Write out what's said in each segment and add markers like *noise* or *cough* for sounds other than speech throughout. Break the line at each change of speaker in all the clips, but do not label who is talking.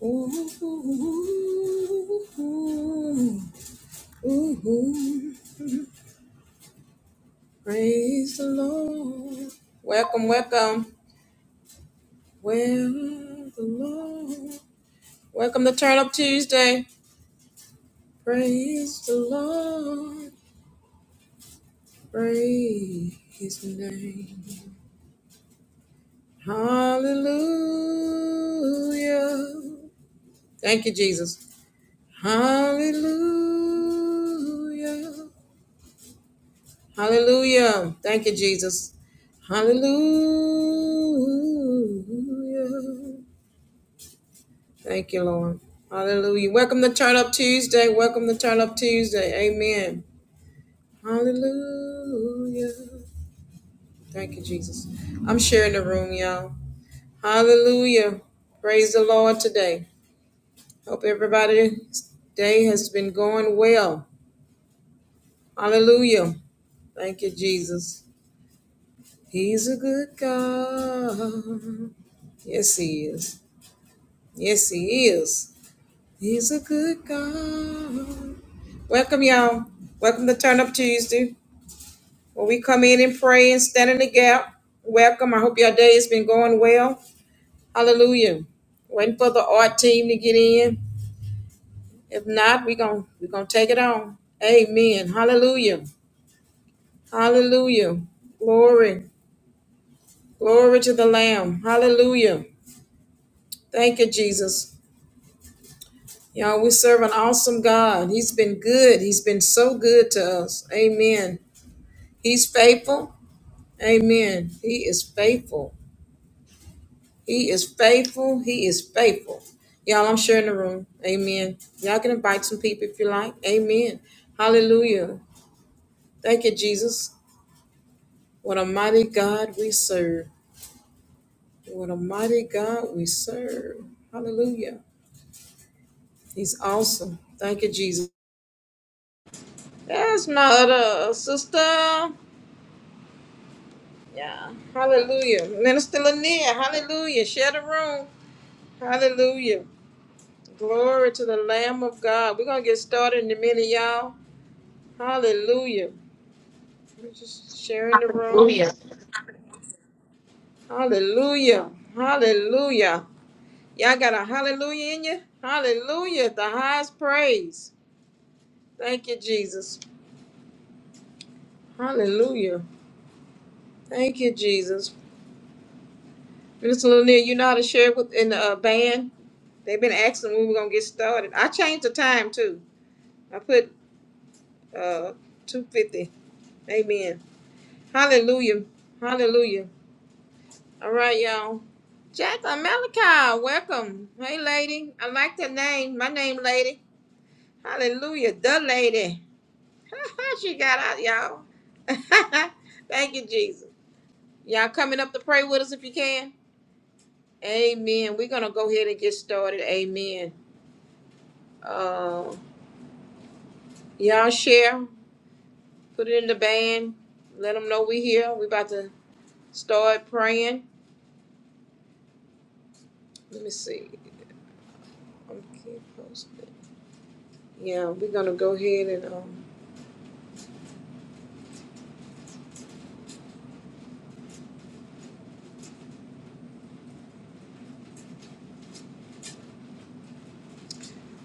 Ooh, ooh, ooh. Praise the Lord. Welcome, welcome. Welcome, the Lord. Welcome to Turn Up Tuesday. Praise the Lord. Praise his name. Hallelujah. Thank you, Jesus. Hallelujah. Hallelujah. Thank you, Jesus. Hallelujah. Thank you, Lord. Hallelujah. Welcome to Turn Up Tuesday. Welcome to Turn Up Tuesday. Amen. Hallelujah. Thank you, Jesus. I'm sharing the room, y'all. Hallelujah. Praise the Lord today. Hope everybody's day has been going well. Hallelujah. Thank you, Jesus. He's a good God. Yes, He is. Yes, he is. He's a good God. Welcome, y'all. Welcome to Turn Up Tuesday, where we come in and pray and stand in the gap. Welcome. I hope your day has been going well. Hallelujah. Waiting for the art team to get in. If not, we're going we are gonna take it on. Amen. Hallelujah. Hallelujah. Glory. Glory to the Lamb. Hallelujah. Thank you, Jesus. Y'all, we serve an awesome God. He's been good. He's been so good to us. Amen. He's faithful. Amen. He is faithful. He is faithful. He is faithful. Y'all, I'm sharing the room. Amen. Y'all can invite some people if you like. Amen. Hallelujah. Thank you, Jesus. What a mighty God we serve. What a mighty God we serve. Hallelujah. He's awesome. Thank you, Jesus. That's my other sister. Yeah. Hallelujah. Minister Lanier, hallelujah. Share the room. Hallelujah. Glory to the Lamb of God. We're going to get started in a minute, y'all. Hallelujah. We're just sharing the room.
Hallelujah.
Hallelujah. Hallelujah. Y'all got a hallelujah in you? Hallelujah. The highest praise. Thank you, Jesus. Hallelujah. Thank you, Jesus. Minister Lanier, you know how to share with in the uh, band? They've been asking when we we're going to get started. I changed the time, too. I put uh 250. Amen. Hallelujah. Hallelujah. All right, y'all. Jacqueline Malachi, welcome. Hey lady. I like the name. My name lady. Hallelujah. The lady. *laughs* she got out, y'all. *laughs* Thank you, Jesus. Y'all coming up to pray with us if you can. Amen. We're gonna go ahead and get started. Amen. Uh y'all share. Put it in the band. Let them know we here. We about to start praying. Let me see. Okay, posted. Yeah, we're gonna go ahead and um,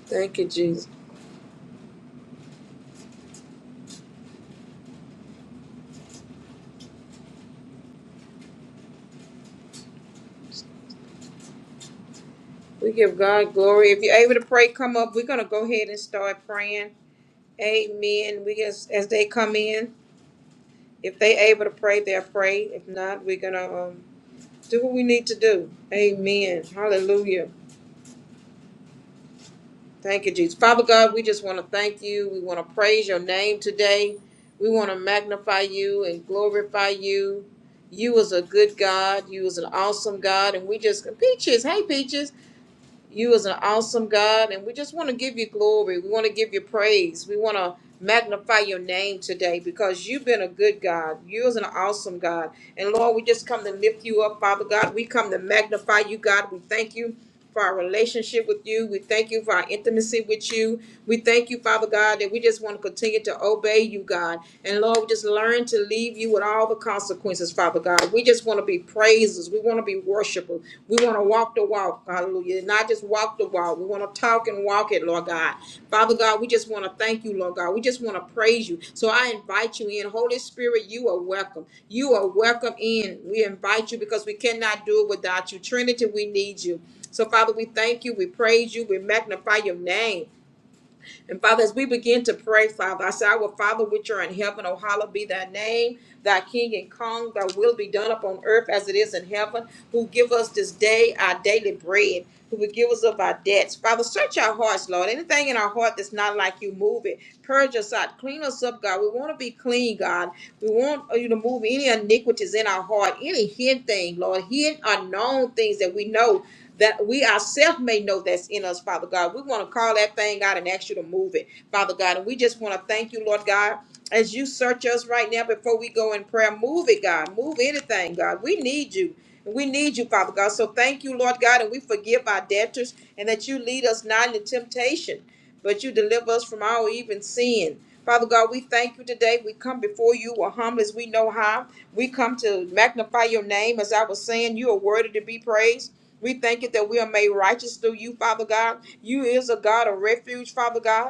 thank you, Jesus. We give God glory. If you're able to pray, come up. We're gonna go ahead and start praying. Amen. We as as they come in, if they able to pray, they'll pray. If not, we're gonna um, do what we need to do. Amen. Hallelujah. Thank you, Jesus. Father God, we just want to thank you. We want to praise your name today. We want to magnify you and glorify you. You is a good God. You is an awesome God. And we just, Peaches, hey, Peaches. You is an awesome God, and we just want to give you glory. We want to give you praise. We want to magnify your name today because you've been a good God. You is an awesome God. And Lord, we just come to lift you up, Father God. We come to magnify you, God. We thank you for our relationship with you. We thank you for our intimacy with you. We thank you, Father God, that we just want to continue to obey you, God. And Lord, we just learn to leave you with all the consequences, Father God. We just want to be praisers. We want to be worshipers. We want to walk the walk, hallelujah. and Not just walk the walk. We want to talk and walk it, Lord God. Father God, we just want to thank you, Lord God. We just want to praise you. So I invite you in. Holy Spirit, you are welcome. You are welcome in. We invite you because we cannot do it without you. Trinity, we need you. So, Father, we thank you. We praise you. We magnify your name. And Father, as we begin to pray, Father, I say, Our Father, which are in heaven, O hallowed be thy name, thy King and Kong, thy will be done upon earth as it is in heaven, who give us this day our daily bread, who would give us of our debts. Father, search our hearts, Lord. Anything in our heart that's not like you, move it. Purge us out. Clean us up, God. We want to be clean, God. We want uh, you to move any iniquities in our heart, any hidden thing, Lord, hidden unknown things that we know that we ourselves may know that's in us, Father God. We want to call that thing out and ask you to move it, Father God. And we just want to thank you, Lord God, as you search us right now before we go in prayer. Move it, God. Move anything, God. We need you. We need you, Father God. So thank you, Lord God, and we forgive our debtors and that you lead us not into temptation, but you deliver us from all even sin. Father God, we thank you today. We come before you, we humble as we know how. We come to magnify your name, as I was saying. You are worthy to be praised. We thank you that we are made righteous through you, Father God. You is a God of refuge, Father God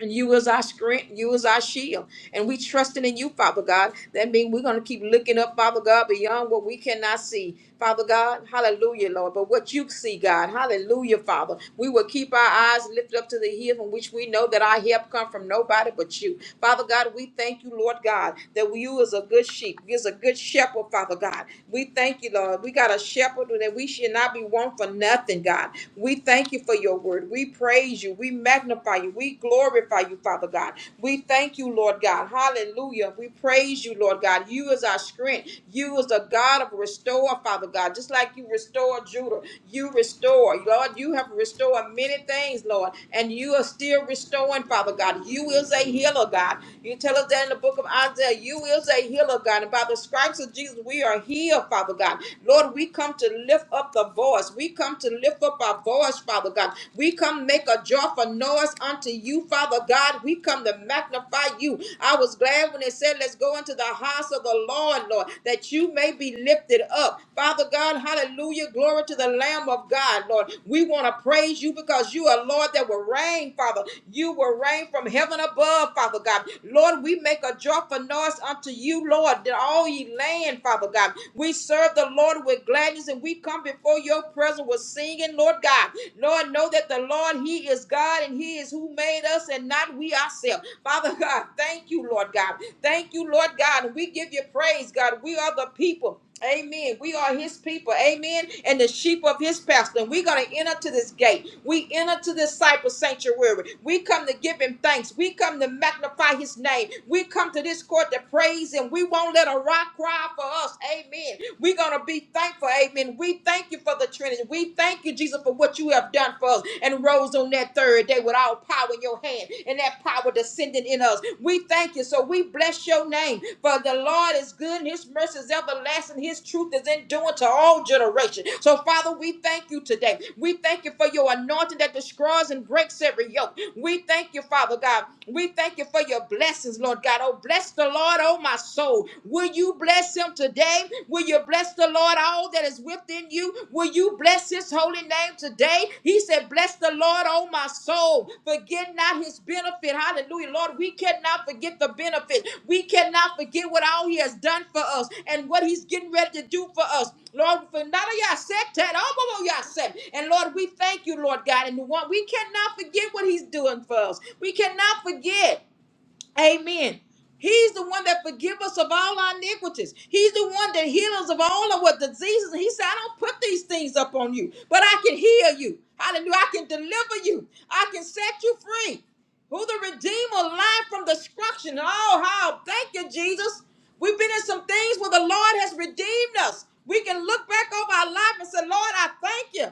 and you is our strength, you is our shield. And we trusting in you, Father God. That means we're gonna keep looking up, Father God, beyond what we cannot see. Father God, hallelujah, Lord. But what you see, God, hallelujah, Father. We will keep our eyes lifted up to the hill from which we know that our help come from nobody but you. Father God, we thank you, Lord God, that you is a good sheep, you is a good shepherd, Father God. We thank you, Lord. We got a shepherd that we should not be want for nothing, God. We thank you for your word. We praise you. We magnify you. We glorify you, Father God. We thank you, Lord God. Hallelujah. We praise you, Lord God. You is our strength. You is the God of restore, Father God. Just like you restored Judah, you restore. Lord, you have restored many things, Lord, and you are still restoring, Father God. You is a healer, God. You tell us that in the book of Isaiah, you is a healer, God. And by the stripes of Jesus, we are healed heal, Father God. Lord, we come to lift up the voice. We come to lift up our voice, Father God. We come make a joyful noise unto you, Father God. We come to magnify you. I was glad when they said, Let's go into the house of the Lord, Lord, that you may be lifted up. Father God, hallelujah. Glory to the Lamb of God, Lord. We want to praise you because because you are Lord that will reign, Father. You will reign from heaven above, Father God. Lord, we make a joyful noise unto you, Lord, that all ye land, Father God. We serve the Lord with gladness and we come before your presence with singing, Lord God. Lord, know that the Lord, He is God and He is who made us and not we ourselves. Father God, thank you, Lord God. Thank you, Lord God. And we give you praise, God. We are the people. Amen. We are his people. Amen. And the sheep of his pasture. And we're going to enter to this gate. We enter to this cypress sanctuary. We come to give him thanks. We come to magnify his name. We come to this court to praise him. We won't let a rock cry for us. Amen. We're going to be thankful. Amen. We thank you for the Trinity. We thank you, Jesus, for what you have done for us and rose on that third day with all power in your hand hand and that power descending in us. We thank you. So we bless your name. For the Lord is good and his mercy is everlasting. His truth is enduring to all generations. So, Father, we thank you today. We thank you for your anointing that destroys and breaks every yoke. We thank you, Father God. We thank you for your blessings, Lord God. Oh, bless the Lord, oh my soul. Will you bless him today? Will you bless the Lord all soul that is within you. Will you bless his holy name today? He said, Bless the Lord, oh my soul. Forget not his benefit. Hallelujah. Lord, we cannot forget the benefit. We cannot forget what all he has done for us and what he's getting ready to do for us. Lord, for none of y'all said that. All of y'all said. And Lord, we thank you, Lord God. And we we cannot forget what he's doing for us. We cannot forget. Amen. He's the one that forgives us of all our iniquities. He's the one that heals us of all of our diseases. He said, I don't put these things up on you, but I can heal you. Hallelujah. I can deliver you. I can set you free. Who the Redeemer life from destruction. Oh, how. Thank you, Jesus. We've been in some things where the Lord has redeemed us. We can look back over our life and say, Lord, I thank you.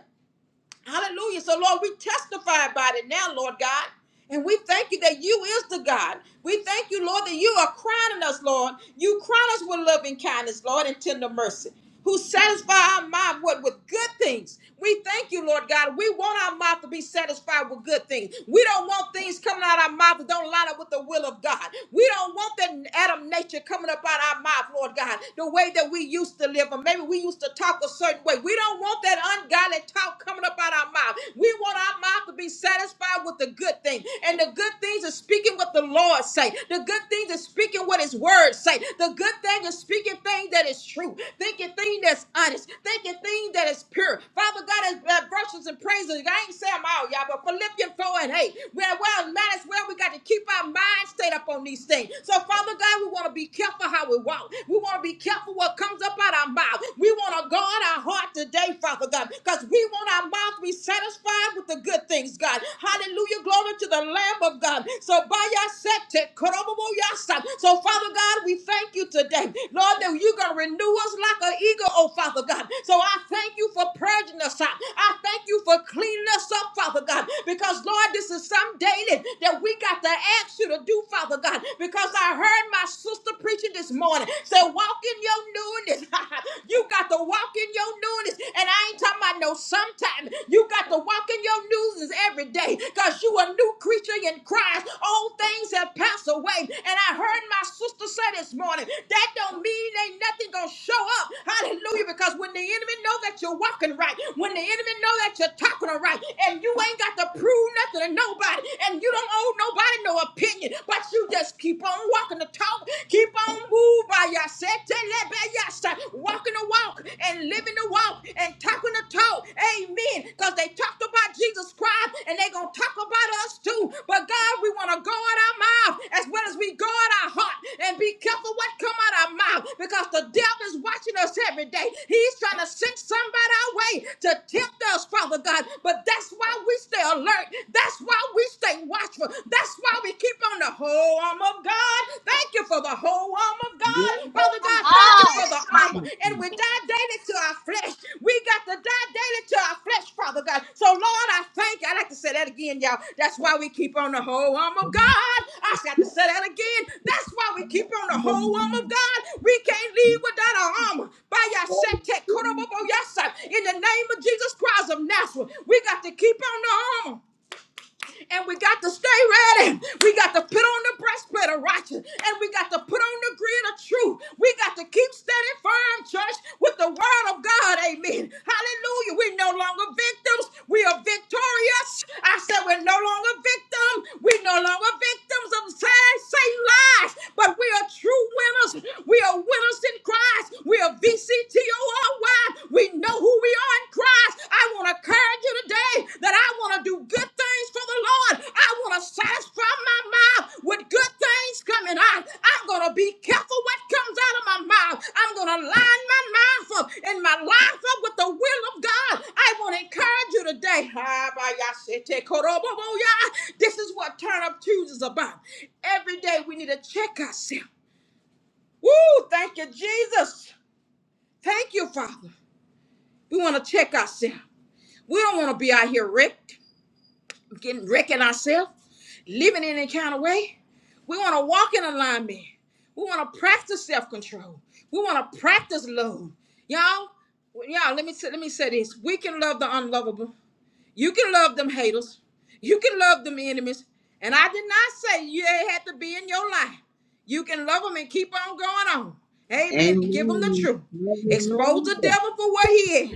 Hallelujah. So, Lord, we testify about it now, Lord God. And we thank you that you is the God. We thank you, Lord, that you are crowning us, Lord. You crown us with loving kindness, Lord, and tender mercy. Who satisfy our mouth with, with good things. We thank you, Lord God. We want our mouth to be satisfied with good things. We don't want things coming out our mouth that don't line up with the will of God. We don't want that Adam nature coming up out our mouth, Lord God, the way that we used to live, or maybe we used to talk a certain way. We don't want don't want that ungodly talk coming up out our mouth. We want our mouth to be satisfied with the good thing. And the good things is speaking what the Lord say. The good things is speaking what his word say. The good thing is speaking things that is true. Thinking thing that's honest. Thinking thing that is pure. Father God, as uh, verses and praises. I ain't saying them all, y'all, but Philippians 4 and 8. Well, well, might as well. We got to keep our mind stayed up on these things. So, Father God, we want to be careful how we walk. We want to be careful what comes up out our mouth. God. We want to guard our heart today, Father God, because we want our mouth to be satisfied with the good things, God. Hallelujah. Glory to the Lamb of God. So by your septic, koroboboyasa. so Father God, we thank you today, Lord, that you're going to renew us like an eagle, oh Father God. So I thank you for purging us out. I thank you for cleaning us up, Father God, because Lord, this is some daily that we got to ask you to do, Father God, because I heard my sister preaching this morning. Say, why walk in your newness. *laughs* you got to walk in your newness. And I ain't talking about no sometime. You got to walk in your newness every day because you a new creature in Christ. Old things have passed away. And I heard my sister say this morning, that don't mean ain't nothing gonna show up. Hallelujah. Because when the enemy know that you're walking right, when the enemy know that you're talking right, and you ain't got to prove nothing to nobody, and you don't owe nobody no opinion, but you just keep on walking the talk Keep on moving by your walking the walk and living the walk and talking the talk. Amen. Because they talked about Jesus Christ and they're going to talk about us too. But God, we want to guard our mouth as well as we guard our heart and be careful careful what come out of our mouth because the devil is watching us every day. He's trying to send somebody our way to tempt us, Father God. But that's why we stay alert. That's why we stay watchful. That's why we keep on the whole arm of God. Thank you for the whole arm of
Amen. Hallelujah. Hallelujah.
God. Father God, thank you for the armor. And we die daily to our flesh. We got to die daily to our flesh, Father God. So, Lord, I thank you. I like to say that again, y'all. That's why we keep on the whole arm of God. I got to say that again. That's why we keep on the whole arm of God. We can't leave without our armor. By your In the name of Jesus Christ of Nazareth, we got to keep on the armor and we got to stay ready. We got to put on the breastplate of righteousness, and we got to put on the grid of truth. We got to keep standing firm, church, with the word of God. Amen. Hallelujah. We're no longer victims. We are victorious. I said we're no longer victims. We're no longer victims of sad, Satan lies, but we are true winners. We are winners in Christ. We are VCTORY. We know who we are in Christ. I want to encourage you today that I want to do good things for the Lord. I want to satisfy my mouth with good things coming out. I'm going to be careful what comes out of my mouth. I'm going to line my mouth up and my life up with the will of God. I want to encourage you today. This is what Turn Up Tuesday is about. Every day we need to check ourselves. Woo! Thank you, Jesus. Thank you, Father. We want to check ourselves. We don't want to be out here wrecked, getting wrecking ourselves, living in any kind of way. We want to walk in alignment. We want to practice self-control. We want to practice love. Y'all, y'all, let me say, let me say this. We can love the unlovable. You can love them haters. You can love them enemies. And I did not say you they had to be in your life. You can love them and keep on going on. Amen. And give them the truth. Expose the devil for what he is.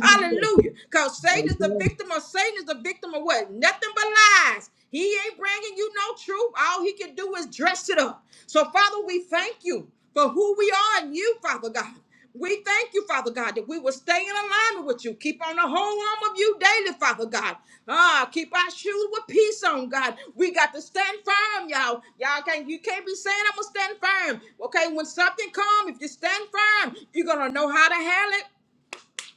Hallelujah. Because Satan is the victim of Satan is the victim of what? Nothing but lies. He ain't bringing you no truth. All he can do is dress it up. So, Father, we thank you for who we are in you, Father God. We thank you, Father God, that we will stay in alignment with you. Keep on the whole arm of you daily, Father God. Ah, keep our shoes with peace on, God. We got to stand firm, y'all. Y'all can't you can't be saying I'm gonna stand firm. Okay, when something comes, if you stand firm, you're gonna know how to handle it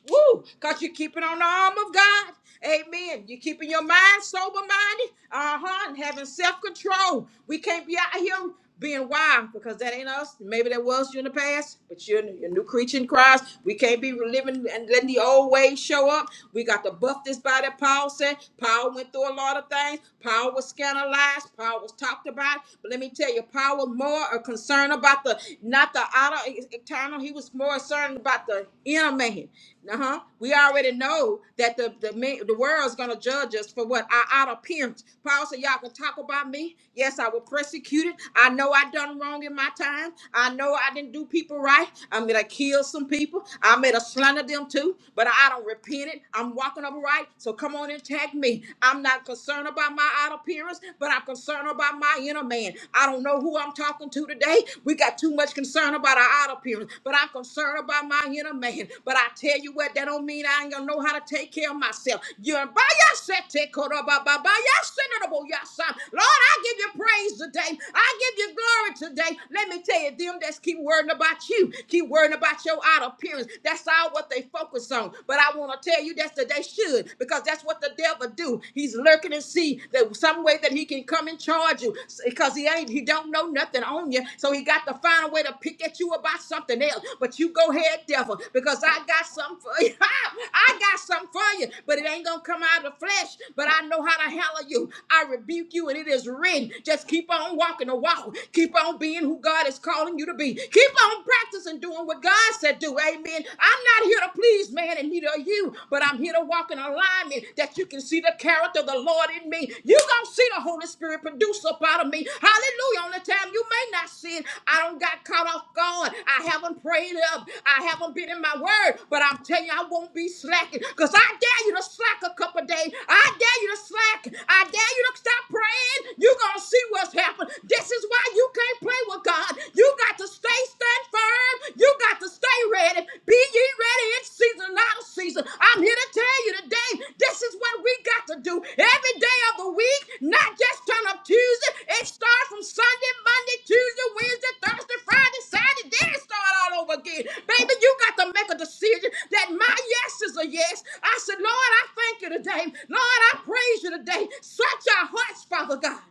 Woo! Because you're keeping on the arm of God. Amen. You're keeping your mind sober minded. Uh huh. And having self control. We can't be out here being wild because that ain't us. Maybe that was you in the past, but you're a new creature in Christ. We can't be living and letting the old ways show up. We got to buff this body. Paul said Paul went through a lot of things. Paul was scandalized. Paul was talked about. But let me tell you, Paul was more a concern about the not the outer not external. He was more concerned about the inner man. Uh huh. We already know that the the man, the world's gonna judge us for what our outer appearance. Paul said, "Y'all can talk about me. Yes, I was persecuted. I know I done wrong in my time. I know I didn't do people right. I mean, I killed some people. I made a slander them too. But I don't repent it. I'm walking upright. So come on and tag me. I'm not concerned about my outer appearance, but I'm concerned about my inner man. I don't know who I'm talking to today. We got too much concern about our outer appearance, but I'm concerned about my inner man. But I tell you what, that don't mean I ain't gonna know how to take care of myself. You're by your set, take care of my- by- by yourself, Lord, your son. Lord, I give you praise today. I give you glory today. Let me tell you, them that's keep worrying about you, keep worrying about your outer appearance. That's all what they focus on. But I want to tell you that's that they should, because that's what the devil do. He's lurking lurking and see that some way that he can come and charge you because he ain't he don't know nothing on you. So he got to find a way to pick at you about something else. But you go ahead, devil, because I got something for you. *laughs* I got something for you, but it ain't gonna come out of the flesh. But I know how to handle you. I rebuke you, and it is written. Just keep on walking the walk. Keep on being who God is calling you to be. Keep on practicing doing what God said do. Amen. I'm not here to please man and neither are you you, but I'm here to walk in alignment that you can see the character of the Lord in me. you going to see the Holy Spirit produce up out of me. Hallelujah. On the time you may not see it, I don't got caught off guard. I haven't prayed up. I haven't been in my word, but I'm telling you, I won't be slacking because I dare you to slack a couple days. I dare you to slack. I dare you to stop praying. You're going to see what's happened. This is why you can't play with God. You got to stay stand firm. You got to stay ready. Be ye ready in season, and out of season. I'm here to tell you today, this is what we got to do every day of the week, not just turn up Tuesday. It starts from Sunday, Monday, Tuesday, Wednesday, Thursday, Friday, Saturday. Then it start all over again. Baby, you got to make a decision that my yes is a yes. I said, Lord, I thank you today. Lord, I praise you today. Search our hearts, Father God.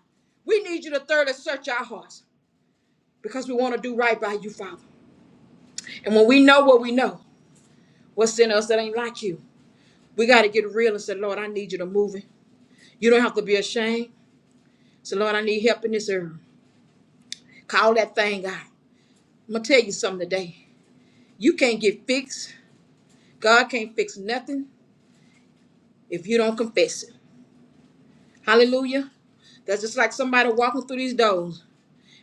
We need you to thoroughly search our hearts because we want to do right by you, Father. And when we know what we know, What's in us that ain't like you? We got to get real and say, Lord, I need you to move it. You don't have to be ashamed. So, Lord, I need help in this area. Call that thing out. I'm going to tell you something today. You can't get fixed. God can't fix nothing if you don't confess it. Hallelujah. That's just like somebody walking through these doors.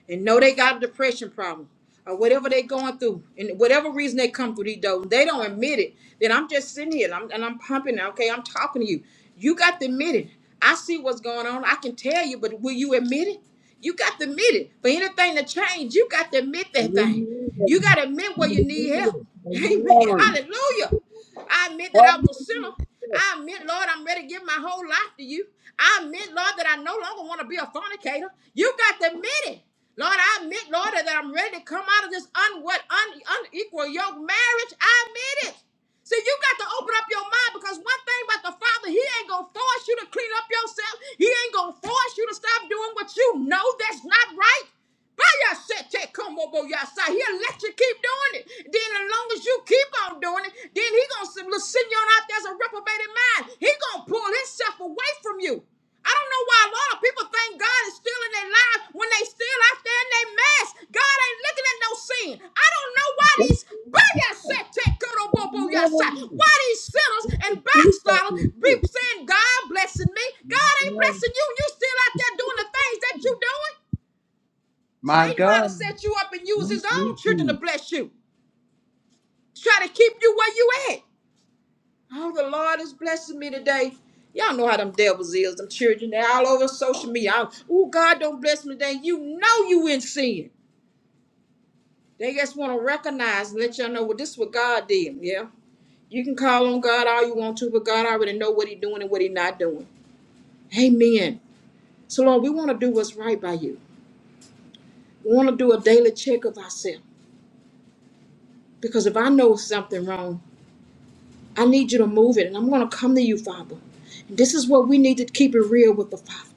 and know they got a depression problem or whatever they going through and whatever reason they come through these doors, they don't admit it. Then I'm just sitting here and I'm, and I'm pumping. Okay, I'm talking to you. You got to admit it. I see what's going on. I can tell you, but will you admit it? You got to admit it. For anything to change, you got to admit that thing. You got to admit where you need help.
I
*laughs* Amen.
God. Amen. Amen.
Hallelujah. I admit that I was a
Come
sinner.
on. Hallelujah.
I admit, Lord, I'm ready to give my whole life to you. I admit, Lord, that I no longer want to be a fornicator. You got to admit it. Lord, I admit, Lord, that I'm ready to come out of this un- what, un- unequal yoke marriage. I admit it. See, you got to open up your mind because one thing about the Father, He ain't going to force you to clean up yourself. He ain't going to force you to stop doing what you know that's not right. By said, take come over your side. He'll let you keep doing it. Then as long as you keep on doing it, then he gonna send send you on out there as a reprobated mind. He gonna pull himself away from you. I don't know why a lot of people think God is still in their lives when they still out there in their mess. God ain't looking at no sin. I don't know why
It's
these said, take come over
come
your side.
on.
Why these sinners
It's
and
the truth up
backsliders
in
be
here.
saying God blessing me. God ain't blessing you. You still out there doing the things that you doing.
My God. My
Satan know how to
God.
set you up and use his own children to
Mm-mm-mm.
bless you. To try to keep you where you at. Oh, the Lord is blessing me today. Y'all know how them devils is, them children. They're all over social media. Oh, God don't bless me today. You know you in sin. They just want to recognize and let y'all know, well, this is what God did. Yeah. You can call on God all you want to, but God already know what he doing and what he not doing. Amen. So Lord, we want to do what's right by you. We want to do a daily check of ourselves. Because if I know something wrong, I need you to move it, and I'm going to come to you, Father. And this is what we need to keep it real with the Father.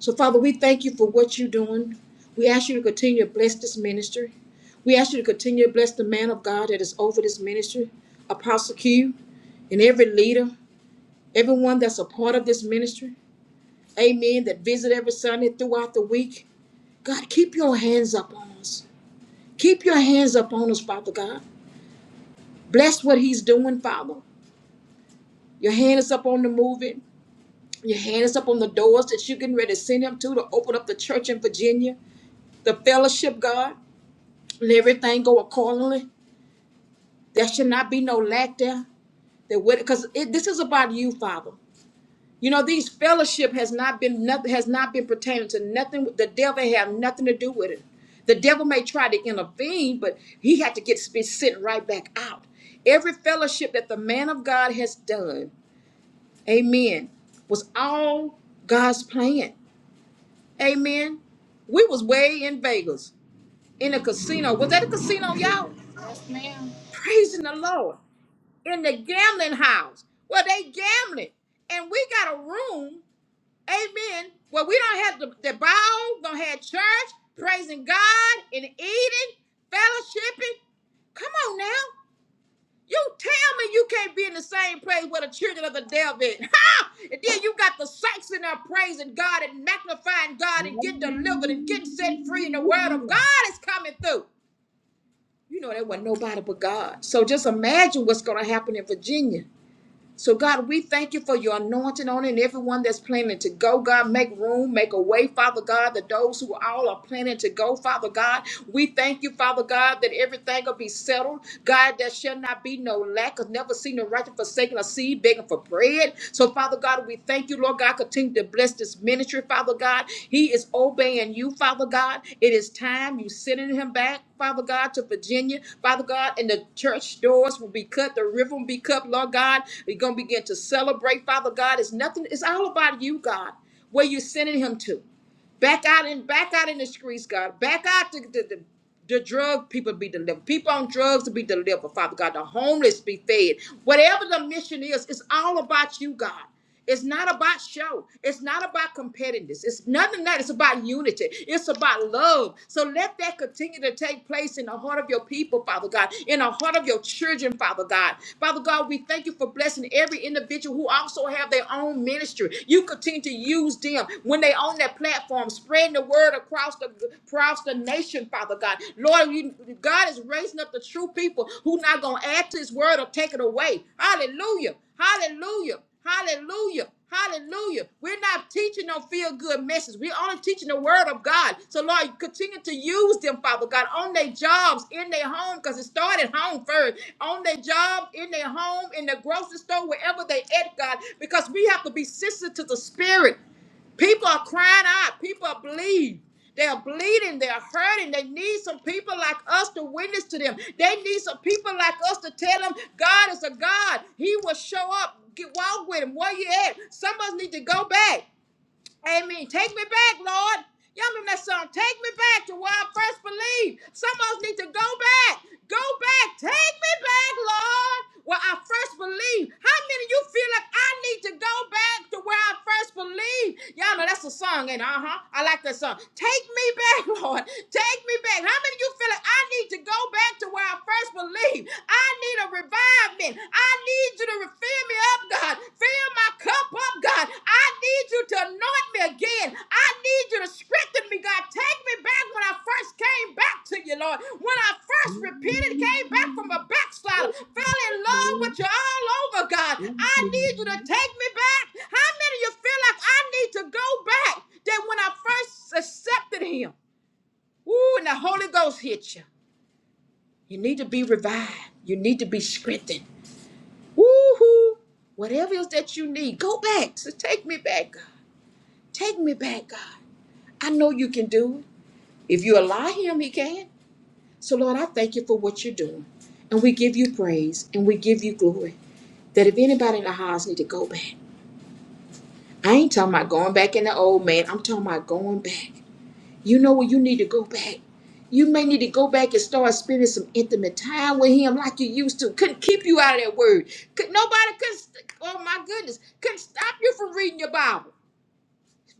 So, Father, we thank you for what you're doing. We ask you to continue to bless this ministry. We ask you to continue to bless the man of God that is over this ministry, Apostle Q, and every leader, everyone that's a part of this ministry. Amen. That visit every Sunday throughout the week. God, keep your hands up on us. Keep your hands up on us, Father God. Bless what he's doing, Father. Your hand is up on the moving. Your hand is up on the doors that you're getting ready to send him to to open up the church in Virginia, the fellowship, God. Let everything go accordingly. There should not be no lack there. That because this is about you, Father. You know these fellowship has not been nothing has not been pertaining to nothing. The devil have nothing to do with it. The devil may try to intervene, but he had to get be sent right back out. Every fellowship that the man of God has done, Amen, was all God's plan. Amen. We was way in Vegas in a casino. Was that a casino, y'all? Praising the Lord. In the gambling house. Well, they gambling. And we got a room, amen, where we don't have the, the bowl, don't have church, praising God and eating, fellowshipping. Come on now. You tell me you can't be in the same place with the children of the devil. *laughs* Ha! And then you got the saints in there praising God and magnifying God and getting delivered and getting set free, and the word of
Hallelujah.
God is coming through. You know, there wasn't nobody but God. So just imagine what's going to happen in Virginia. So, God, we thank you for your anointing on it and everyone that's planning to go, God. Make room, make a way, Father God, that those who all are planning to go, Father God. We thank you, Father God, that everything will be settled. God, there shall not be no lack of never seen the righteous forsaken or seed begging for bread. So, Father God, we thank you, Lord God. Continue to bless this ministry, Father God. He is obeying you, Father God. It is time you sending him back. Father God, to Virginia. Father God, and the church doors will be cut, the river will be cut, Lord God. We're going to begin to celebrate, Father God. It's nothing, it's all about you, God, where you're sending him to. Back out and back out in the streets, God. Back out to the, the, the drug people be delivered. People on drugs to be delivered, Father God. The homeless be fed. Whatever the mission is, it's all about you, God. It's not about show. It's not about competitiveness. It's nothing that. It's about unity. It's about love. So let that continue to take place in the heart of your people, Father God, in the heart of your children, Father God. Father God, we thank you for blessing every individual who also have their own ministry. You continue to use them when they they on that platform, spreading the word across the across the nation, Father God. Lord, you, God is raising up the true people who not gonna add to His word or take it away. Hallelujah! Hallelujah! Hallelujah! Hallelujah. We're not teaching no feel good message. We're only teaching the word of God. So, Lord, continue to use them, Father God, on their jobs, in their home, because it started home first, on their job, in their home, in the grocery store, wherever they at, God, because we have to be sensitive to the spirit. People are crying out. People are bleeding. They are bleeding. They are hurting. They need some people like us to witness to them. They need some people like us to tell them God is a God. He will show up. Get walk with him. Where you at? Some of us need to go back. Amen. Take me back, Lord. Y'all remember that song? Take me back to where I first believed. Some of us need to go back. Go back. Take me back, Lord, where I first believed. How many of you feel like I need to go back to where I first believed? Y'all know that's a song, and uh-huh. I like that song. Take me back, *laughs* Lord. Take me back. How many of you feel like I need to go back to where I first believed? I need a revivement. I need you to fill me up, God. Fill my cup up, God. I need you to anoint me again. I need you to strengthen me, God. Take me back when I first came back to you, Lord. When I first repented, came back from a
Hallelujah.
backslider,
Thank you,
fell in love
Lord.
with you all over, God.
Thank
I
you,
need you to
Lord.
take me back. How many of you feel like I need to go back than when I first accepted Him? Ooh, and the Holy Ghost hit you. You need to be revived. You need to be strengthened. Woohoo! Whatever else that you need, go back. So take me back, God. Take me back, God. I know you can do it. If you allow him, he can. So Lord, I thank you for what you're doing. And we give you praise and we give you glory. That if anybody in the house need to go back, I ain't talking about going back in the old man. I'm talking about going back. You know where you need to go back. You may need to go back and start spending some intimate time with him like you used to. Couldn't keep you out of that word. Could nobody could st- oh my goodness, couldn't stop you from reading your Bible.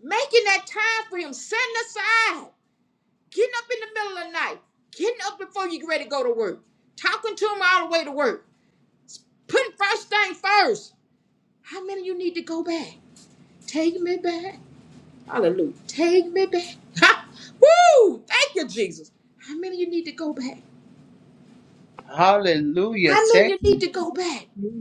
Making that time for him, setting aside, getting up in the middle of the night, getting up before you get ready to go to work, talking to him all the way to work, putting first thing first. How many of you need to go back? Take me back. Hallelujah. Take me back. Ha! Woo! Thank you, Jesus. How many of you need to go back? How
Hallelujah.
many of
Take
you need
me,
to go back?
dear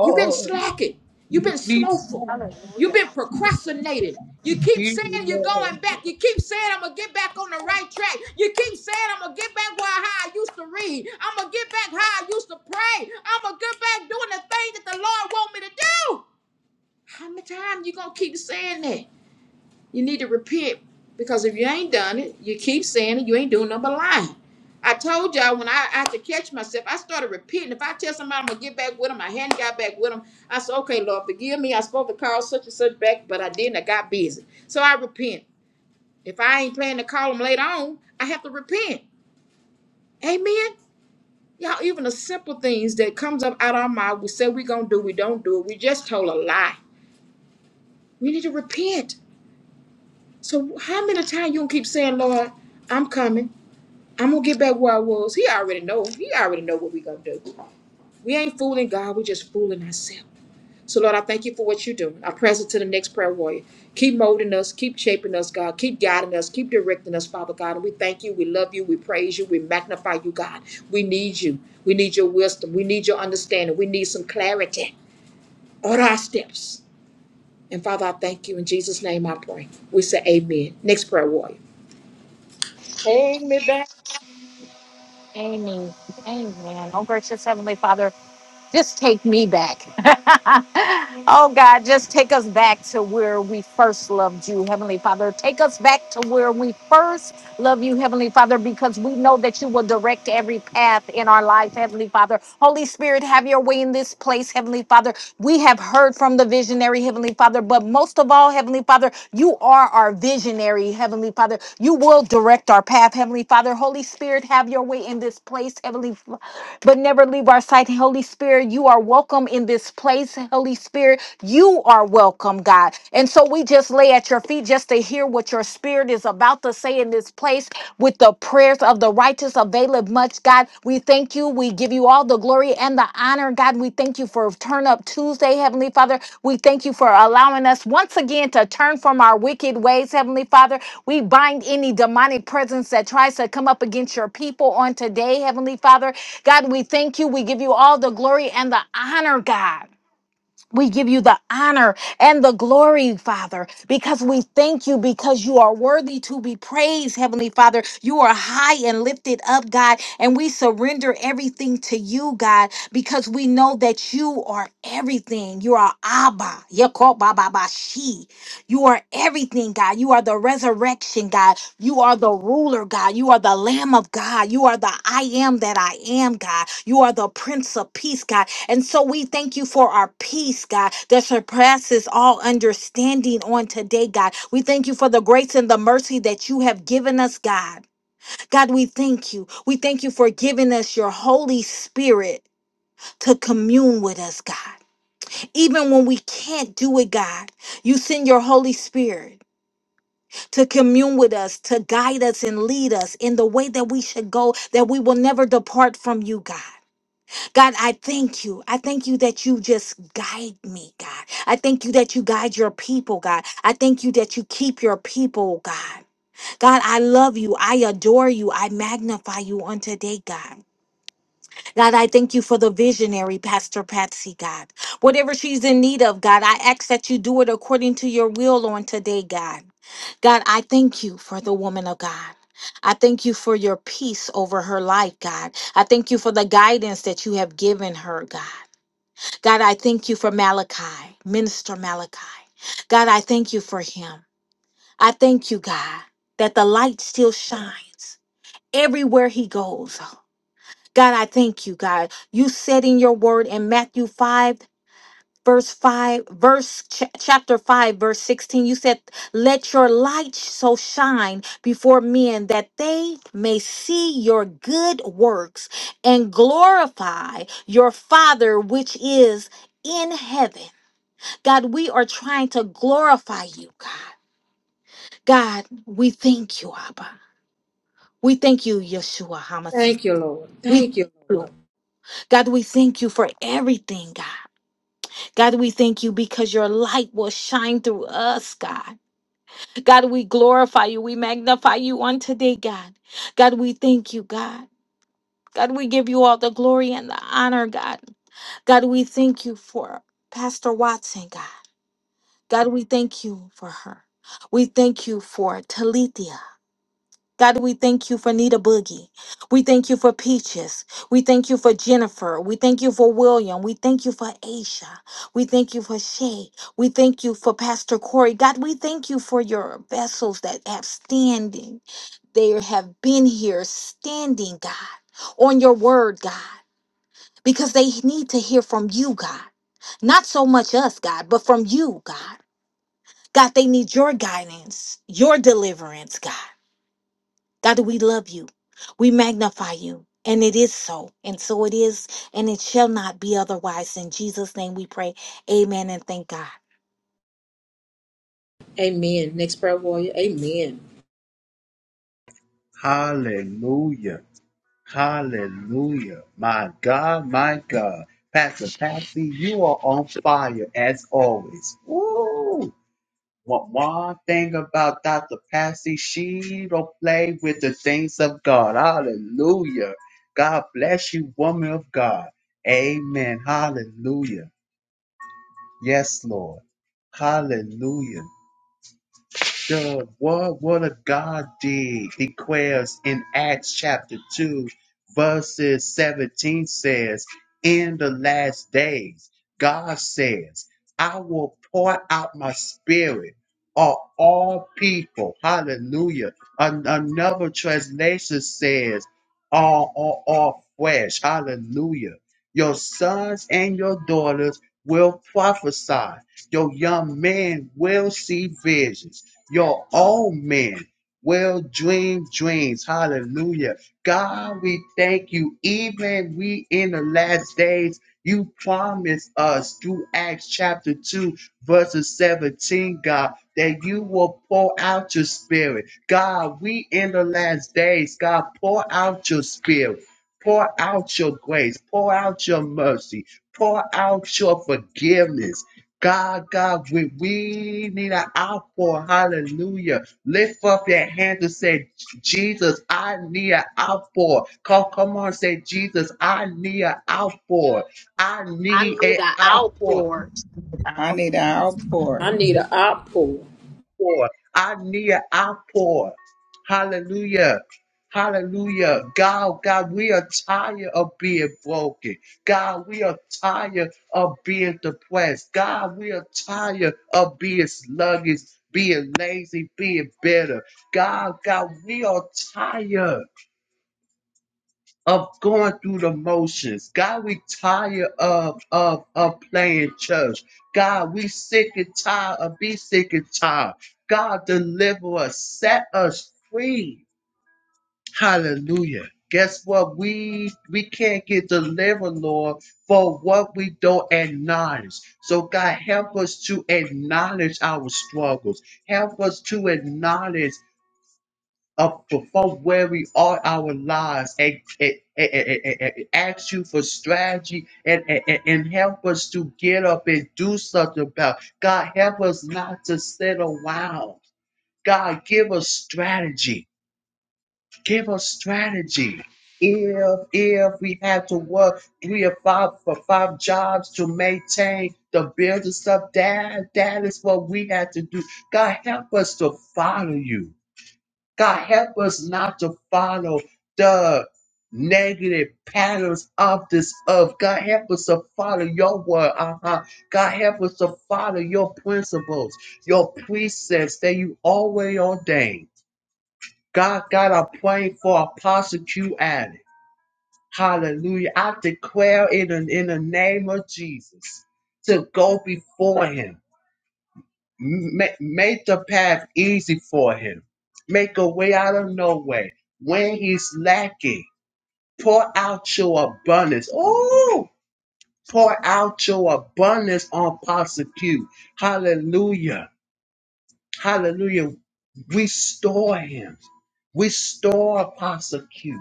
You've been slacking. You've been
Lead me,
slowful. You've been procrastinating. You keep
dear
saying you're
Lord.
going back. You keep saying I'm gonna get back on the right track. You keep saying I'm gonna get back where how I used to read. I'm gonna get back how I used to pray. I'm gonna get back doing the thing that the Lord want me to do. How many times you gonna keep saying that? You need to repent because if you ain't done it, you keep saying it, you ain't doing nothing but lying. I told y'all when I, I had to catch myself, I started repenting. If I tell somebody I'm gonna get back with them, I hadn't got back with them. I said, okay, Lord, forgive me. I was supposed to call such and such back, but I didn't. I got busy. So I repent. If I ain't planning to call them later on, I have to repent. Amen. Y'all, even the simple things that comes up out of our mouth, we say we gonna do, we don't do it. We just told a lie. We need to repent. So how many times you gonna keep saying, Lord, I'm coming? I'm gonna get back where I was. He already know. He already know what we gonna do. We ain't fooling God. We just fooling ourselves. So Lord, I thank you for what you're doing. I press it to the next prayer warrior. Keep molding us. Keep shaping us, God. Keep guiding us. Keep directing us, Father God. And we thank you. We love you. We praise you. We magnify you, God. We need you. We need your wisdom. We need your understanding. We need some clarity. Order our steps. And Father, I thank you. In Jesus' name I pray. We say amen. Next prayer warrior.
Amen. Amen. Oh, gracious Heavenly Father, just take me back. *laughs* oh, God, just take us back to where we first loved you, Heavenly Father. Take us back to where we first Love you, Heavenly Father, because we know that you will direct every path in our life, Heavenly Father. Holy Spirit, have your way in this place, Heavenly Father. We have heard from the visionary, Heavenly Father, but most of all, Heavenly Father, you are our visionary, Heavenly Father. You will direct our path, Heavenly Father. Holy Spirit, have your way in this place, Heavenly Father, but never leave our sight. Holy Spirit, you are welcome in this place, Holy Spirit. You are welcome, God. And so we just just lay at your feet just to hear what your spirit is about to say in this place with the prayers of the righteous availeth much, God. We thank you. We give you all the glory and the honor, God. We thank you for Turn Up Tuesday, Heavenly Father. We thank you for allowing us once again to turn from our wicked ways, Heavenly Father. We bind any demonic presence that tries to come up against your people on today, Heavenly Father. God, we thank you. We give you all the glory and the honor, God. We give you the honor and the glory, Father, because we thank you because you are worthy to be praised, Heavenly Father. You are high and lifted up, God, and we surrender everything to you, God, because we know that you are everything. You are Abba, Yakob Baba Bashi. You are everything, God. You are the resurrection, God. You are the ruler, God. You are the Lamb of God. You are the I am that I am, God. You are the Prince of Peace, God. And so we thank you for our peace, God, that surpasses all understanding on today, God. We thank you for the grace and the mercy that you have given us, God. God, we thank you. We thank you for giving us your Holy Spirit to commune with us, God. Even when we can't do it, God, you send your Holy Spirit to commune with us, to guide us and lead us in the way that we should go, that we will never depart from you, God. God, I thank you. I thank you that you just guide me, God. I thank you that you guide your people, God. I thank you that you keep your people, God. God, I love you. I adore you. I magnify you on today, God. God, I thank you for the visionary, Pastor Patsy, God. Whatever she's in need of, God, I ask that you do it according to your will on today, God. God, I thank you for the woman of God. I thank you for your peace over her life, God. I thank you for the guidance that you have given her, God. God, I thank you for Malachi, Minister Malachi. God, I thank you for him. I thank you, God, that the light still shines everywhere he goes. God, I thank you, God. You said in your word in Matthew 5 verse 5 verse ch- chapter 5 verse 16 you said let your light so shine before men that they may see your good works and glorify your father which is in heaven god we are trying to glorify you god god we thank you abba we thank you yeshua hamasi
Thank you, Lord.
we thank
Thank you,
you
Lord.
god we thank you for everything god God, we thank you because your light will shine through us, God. God, we glorify you. We magnify you on today, God. God, we thank you, God. God, we give you all the glory and the honor, God. God, we thank you for Pastor Watson, God. God, we thank you for her. We thank you for Talithia. God, we thank you for Nita Boogie. We thank you for Peaches. We thank you for Jennifer. We thank you for William. We thank you for Aisha. We thank you for Shay. We thank you for Pastor Corey. God, we thank you for your vessels that have standing. They have been here standing, God, on your word, God, because they need to hear from you, God. Not so much us, God, but from you, God. God, they need your guidance, your deliverance, God. God, we love you. We magnify you. And it is so. And so it is. And it shall not be otherwise. In Jesus' name we pray. Amen and thank God.
Amen. Next prayer warrior. Amen.
Hallelujah. Hallelujah. My God, my God. Pastor Patsy, you are on fire as always. Woo! One one thing about Dr. Patsy, she don't play with the things of God. Hallelujah. God bless you, woman of God. Amen. Hallelujah. Yes, Lord. Hallelujah the what what a God did declares in Acts chapter 2, verses 17 says, In the last days, God says, I will pour out my spirit on all people. Hallelujah. An- another translation says, all, all, all flesh. Hallelujah. Your sons and your daughters will prophesy. Your young men will see visions you're all men. Well, dream dreams. Hallelujah. God, we thank you. Even we in the last days, you promised us through Acts chapter 2, verses 17, God, that you will pour out your spirit. God, we in the last days, God, pour out your spirit. Pour out your grace. Pour out your mercy. Pour out your forgiveness God, God, we, we need an outpour. Hallelujah. Lift up your hand and say, Jesus, I need an outpour. Come, come on, say, Jesus, I need an outpour. I
I
need an
need an
outpour.
outpour.
I need an outpour.
I need an op pool.
pour. I need an outpour. Hallelujah. Hallelujah. God, God, we are tired of being broken. God, we are tired of being depressed. God, we are tired of being sluggish, being lazy, being bitter. God, God, we are tired of going through the motions. God, we tired of, of, of playing church. God, we sick and tired of be sick and tired. God, deliver us, set us free. Hallelujah. Guess what? We we can't get delivered, Lord, for what we don't acknowledge. So God help us to acknowledge our struggles. Help us to acknowledge up before where we are our lives and, and, and- and- and- and ask you for strategy and, and, and and help us to get up and do something about it. God help us not to sit around God give us strategy give us strategy if if we had to work three or five for five jobs to maintain the business stuff that that is what we had to do God help us to follow you God, help us not to follow the negative patterns of this earth. God, help us to follow your word. Uh-huh. God, help us to follow your principles, your precepts that you always ordained. God, God, I pray for Apostle Q Allen. Hallelujah. I declare it in, in the name of Jesus to go before him Ma- made the path easy for him. Make a way out of no way. When he's lacking, pour out your abundance. Oh, pour out your abundance on prosecute. Hallelujah. Hallelujah. Restore him. Restore prosecute.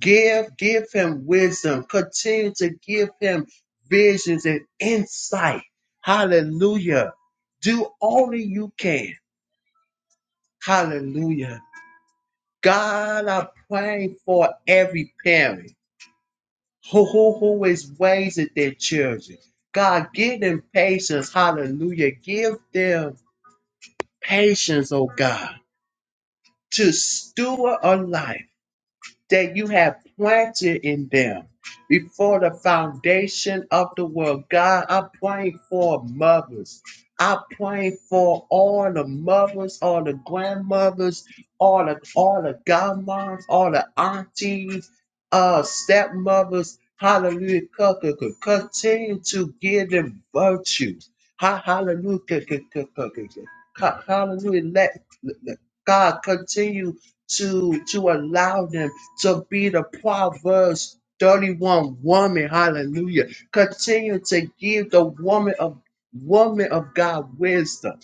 Give, give him wisdom. Continue to give him visions and insight. Hallelujah. Do only you can. Hallelujah. God, I pray for every parent who, who, who is raising their children. God, give them patience. Hallelujah. Give them patience, oh God, to steward a life. that you have planted in them before the foundation of the world. God, I'm praying for mothers. I'm praying for all the mothers, all the grandmothers, all the all the godmoms, all the aunties, uh, stepmothers. Hallelujah. Co- co- co- Continue to give them virtue. Ha- Hallelujah. Co- co- co- co- co- co- Hallelujah. Let let- God continue to to allow them to be the Proverbs 31 woman. Hallelujah. Continue to give the woman of woman of God wisdom.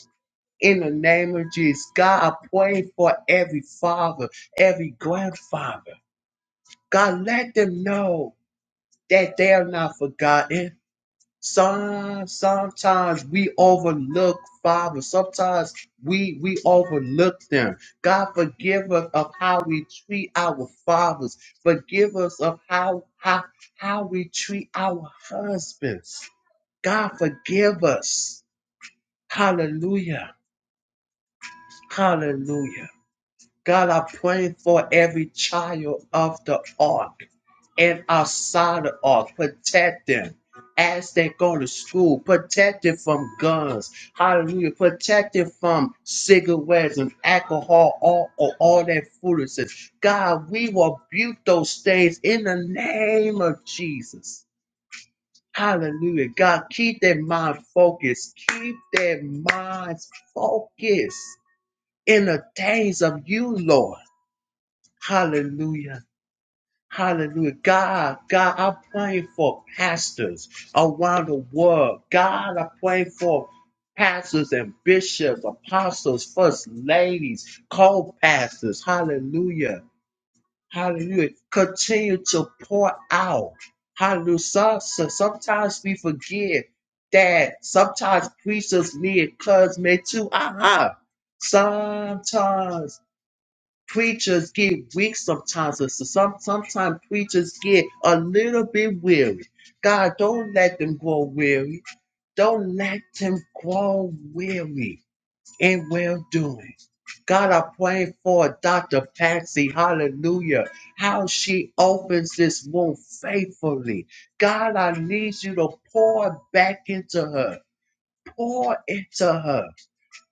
In the name of Jesus, God, I pray for every father, every grandfather. God, let them know that they are not forgotten some sometimes we overlook Father. Sometimes we we overlook them. God forgive us of how we treat our fathers. Forgive us of how how how we treat our husbands. God forgive us. Hallelujah. Hallelujah. God, I pray for every child of the ark and outside the ark. Protect them as they go to school. Protect them from guns. Hallelujah. Protect them from cigarettes and alcohol, all, all, all that foolishness. God, we rebuke those things in the name of Jesus. Hallelujah. God, keep their mind focused. Keep their minds focused in the things of you, Lord. Hallelujah. Hallelujah. God, God, I'm praying for pastors around the world. God, I'm praying for pastors and bishops, apostles, first ladies, co-pastors. Hallelujah. Hallelujah. Continue to pour out. Hallelujah. So, so sometimes we forget that sometimes preachers need encouragement too. Aha. Sometimes Preachers get weak sometimes, sister. Some sometimes preachers get a little bit weary. God, don't let them grow weary. Don't let them grow weary in well doing. God, I pray for Dr. Patsy, hallelujah, how she opens this womb faithfully. God, I need you to pour back into her, pour into her.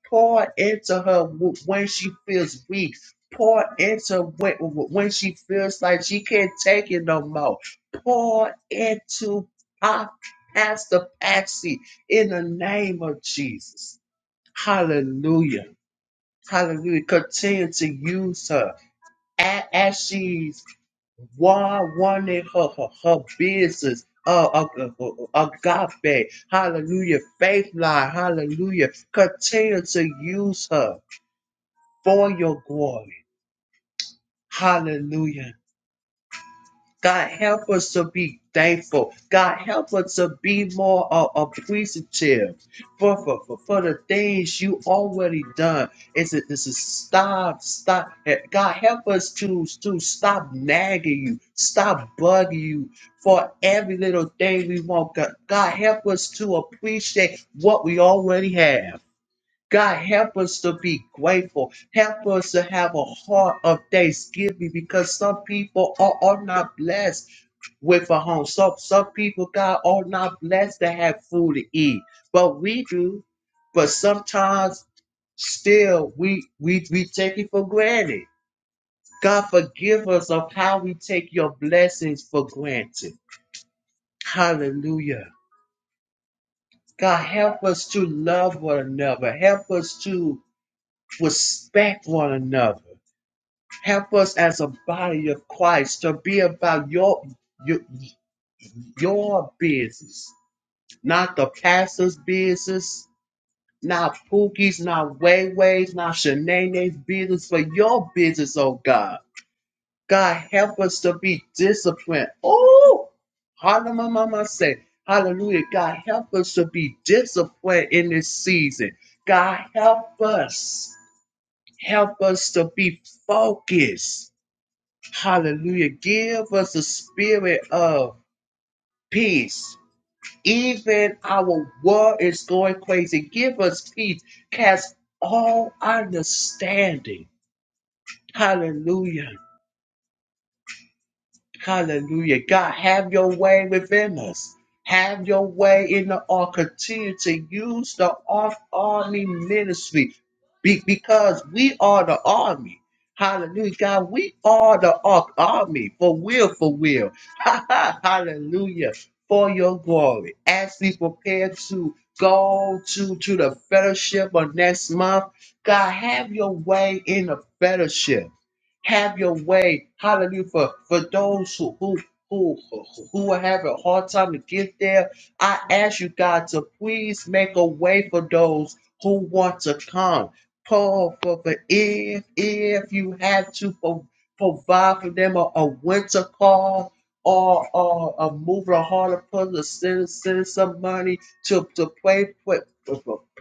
Pour into her w- when she feels weak. Pour into when, when she feels like she can't take it no more. Pour into Pa- Pastor Patsy in the name of Jesus. Hallelujah. Hallelujah. Continue to use her a- as she's one wanting her, her, her business. Uh, uh, uh, uh, agape, hallelujah, faith line, hallelujah. Continue to use her for your glory. Hallelujah. God, help us to be thankful. God, help us to be more uh, appreciative for, for, for, for the things you already done. It's a, it's a stop, stop. eh, God, help us to, to stop nagging you, stop bugging you for every little thing we want. God, God, help us to appreciate what we already have. God, help us to be grateful. Help us to have a heart of thanksgiving because some people are, are not blessed with a home. Some, some people, God, are not blessed to have food to eat. But we do. But sometimes still we we we take it for granted. God forgive us of how we take your blessings for granted. Hallelujah. God help us to love one another. Help us to respect one another. Help us as a body of Christ to be about your your, your business, not the pastor's business, not Pookie's, not Wayway's, not Shanae's business, but your business, oh God. God, help us to be disciplined. Oh, hallelujah, mama say, hallelujah. God, help us to be disciplined in this season. God, help us. Help us to be focused. Hallelujah. Give us a spirit of peace. Even our world is going crazy. Give us peace. Cast all understanding. Hallelujah. Hallelujah. God, have your way within us. Have your way in the all. Continue to use the off army ministry be- because we are the army. Hallelujah. God, we are the ark army for will, for will. *laughs* Hallelujah. For your glory. As we prepare to go to, to the fellowship on next month, God, have your way in the fellowship. Have your way. Hallelujah. For, for those who, who, who, who are having a hard time to get there, I ask you, God, to please make a way for those who want to come. Paul, for, for if, if you have to pro- provide for them a, a winter car or, or a moving a harder puzzle, to send, send some money to, to pay, pay,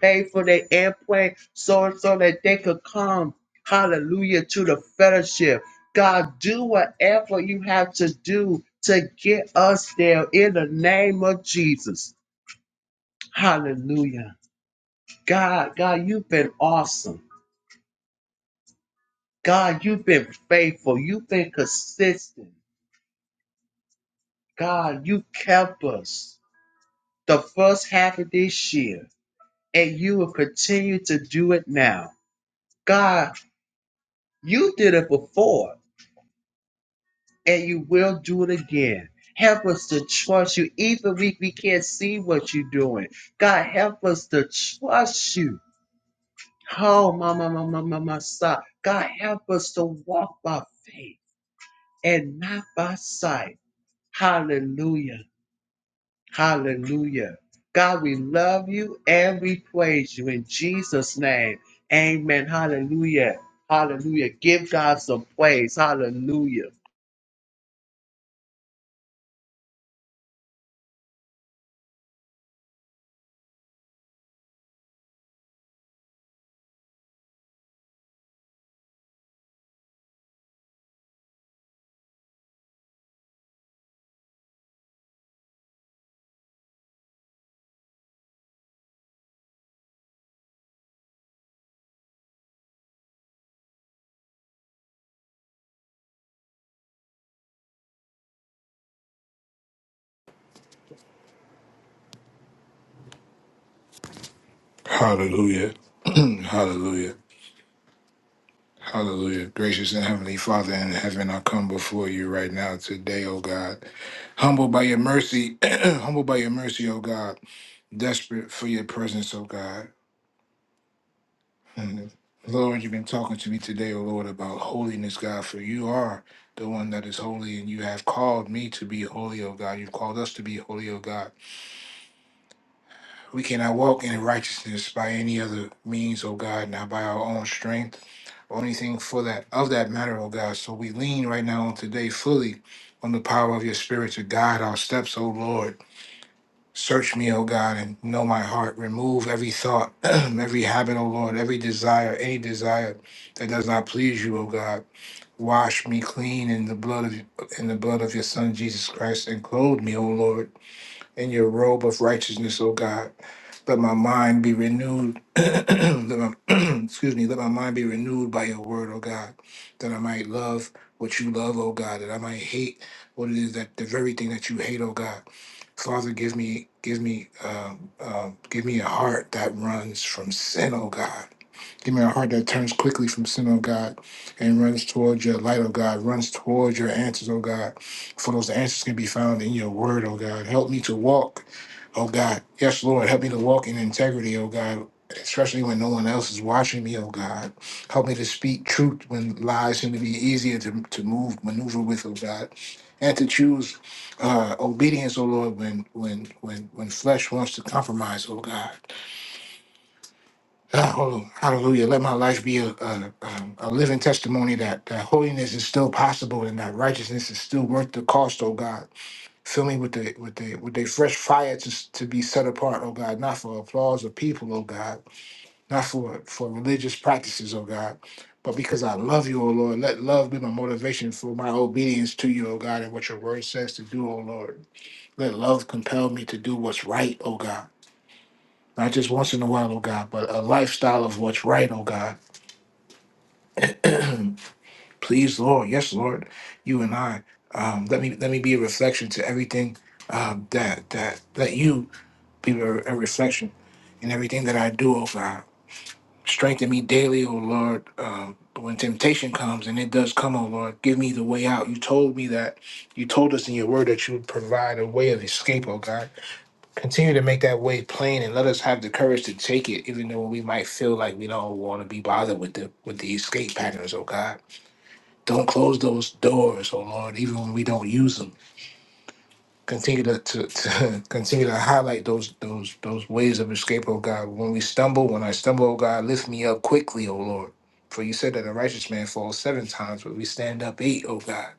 pay for their airplane so, so that they could come Hallelujah to the fellowship. God, do whatever you have to do to get us there in the name of Jesus. Hallelujah. God, God, you've been awesome. God, you've been faithful. You've been consistent. God, you kept us the first half of this year, and you will continue to do it now. God, you did it before. and you will do it again. Help us to trust you, even if we can't see what you're doing. God, help us to trust you. Oh, my, my, my, my, my, my, son. God, help us to walk by faith and not by sight. Hallelujah. Hallelujah. God, we love you and we praise you in Jesus' name. Amen. Hallelujah. Hallelujah. Give God some praise. Hallelujah.
Hallelujah. *clears throat* Hallelujah. Hallelujah. Gracious and heavenly Father in heaven, I come before you right now today, O God. Humbled by your mercy, *clears throat* humbled by your mercy, O God. Desperate for your presence, O God. Mhm. Lord, you've been talking to me today, O Lord, about holiness, God, for you are the one that is holy, and you have called me to be holy, O God. You've called us to be holy, O God. We cannot walk in righteousness by any other means, O God, not by our own strength or anything for that of that matter, O God. So we lean right now on today fully on the power of your spirit to guide our steps, O Lord. Search me, O God, and know my heart. Remove every thought, *clears throat* every habit, O Lord, every desire, any desire that does not please you, O God. Wash me clean in the blood of in the blood of your Son Jesus Christ and clothe me, O Lord in your robe of righteousness, O God. Let my mind be renewed. *clears throat* let my, *clears throat* excuse me. Let my mind be renewed by your word, O God, that I might love what you love, O God, that I might hate what it is that the very thing that you hate, O God. Father, give me, give me, um, um, give me a heart that runs from sin, O God Give me a heart that turns quickly from sin, oh God, and runs towards your light, oh God, runs towards your answers, oh God. For those answers can be found in your word, oh God. Help me to walk, oh God. Yes, Lord, help me to walk in integrity, oh God. Especially when no one else is watching me, oh God. Help me to speak truth when lies seem to be easier to, to move, maneuver with, oh God. And to choose uh, obedience, oh Lord, when when when when flesh wants to compromise, oh God. Oh, hallelujah. Let my life be a, a, um, a living testimony that, that holiness is still possible and that righteousness is still worth the cost, oh God. Fill me with the with the with the fresh fire to, to be set apart, oh God, not for applause of people, oh God, not for, for religious practices, oh God, but because I love you, oh Lord. Let love be my motivation for my obedience to you, oh God, and what your word says to do, oh Lord. Let love compel me to do what's right, oh God. Not just once in a while, oh God, but a lifestyle of what's right, oh God *clears throat* please lord yes lord you and i um, let me let me be a reflection to everything um, that that let you be a, a reflection in everything that i do oh god strengthen me daily oh lord um, when temptation comes and it does come oh lord give me the way out you told me that you told us in your word that you would provide a way of escape oh god continue to make that way plain and let us have the courage to take it even though we might feel like we don't want to be bothered with the with the escape patterns oh god don't close those doors, oh Lord, even when we don't use them. Continue to, to, to *laughs* continue to highlight those those those ways of escape, oh God. When we stumble, when I stumble, oh God, lift me up quickly, oh Lord. For you said that a righteous man falls seven times, but we stand up eight, oh God.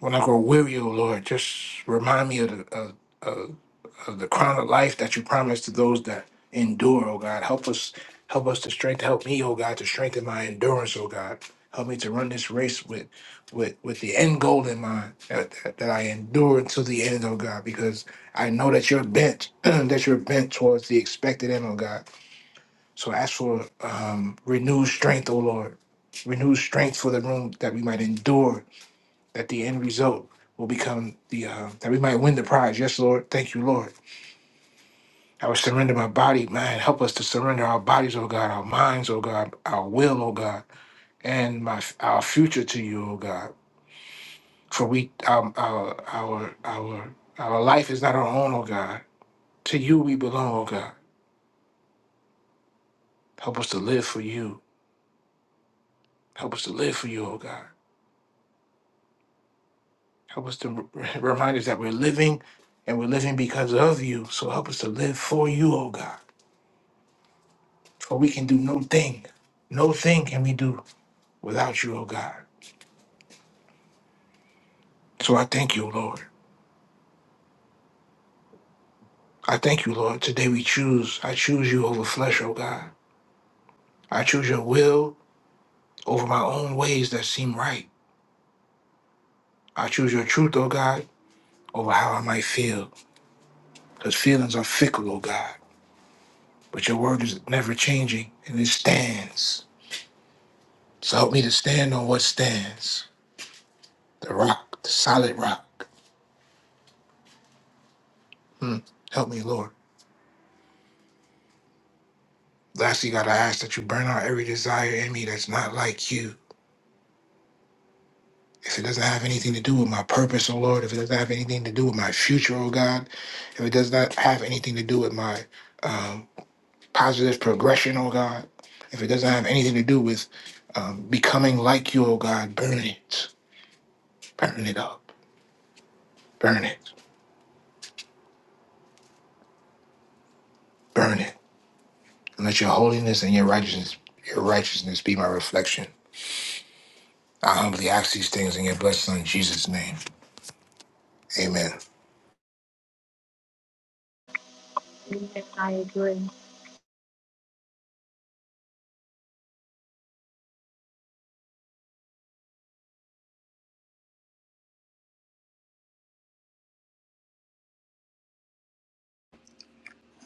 When I grow weary, oh Lord, just remind me of the of, of the crown of life that you promised to those that endure, oh God. Help us, help us to strengthen, help me, oh God, to strengthen my endurance, oh God. Help me to run this race with with with the end goal in mind, that, that that I endure to the end, oh God, because I know that you're bent, *clears throat* that you're bent towards the expected end, oh God. So ask for um, renewed strength, oh Lord. Renewed strength for the room that we might endure, that the end result will become the, uh, that we might win the prize. Yes, Lord. Thank you, Lord. I would surrender my body, man. Help us to surrender our bodies, oh God, our minds, oh God, our will, oh God, and my our future to you, oh God. For we our our our our, our life is not our own, oh God. To you we belong, oh God. Help us to live for you. Help us to live for you, oh God. Help us to re- remind us that we're living and we're living because of you. So help us to live for you, oh God. For we can do no thing. No thing can we do without you, oh God. So I thank you, Lord. I thank you, Lord. Today we choose. I choose you over flesh, O God. I choose your will over my own ways that seem right. I choose your truth, O God, over how I might feel. Because feelings are fickle, O God. But your word is never changing and it stands. So help me to stand on what stands. The rock, the solid rock. Hmm. Help me, Lord. Lastly, God, I ask that you burn out every desire in me that's not like you. If it doesn't have anything to do with my purpose, oh Lord, if it doesn't have anything to do with my future, oh God, if it does not have anything to do with my um, positive progression, oh God, if it doesn't have anything to do with um, becoming like you, oh God, burn it, burn it up, burn it, burn it, and let your holiness and your righteousness, your righteousness be my reflection. I humbly ask these things in your blessed Son Jesus' name, Amen.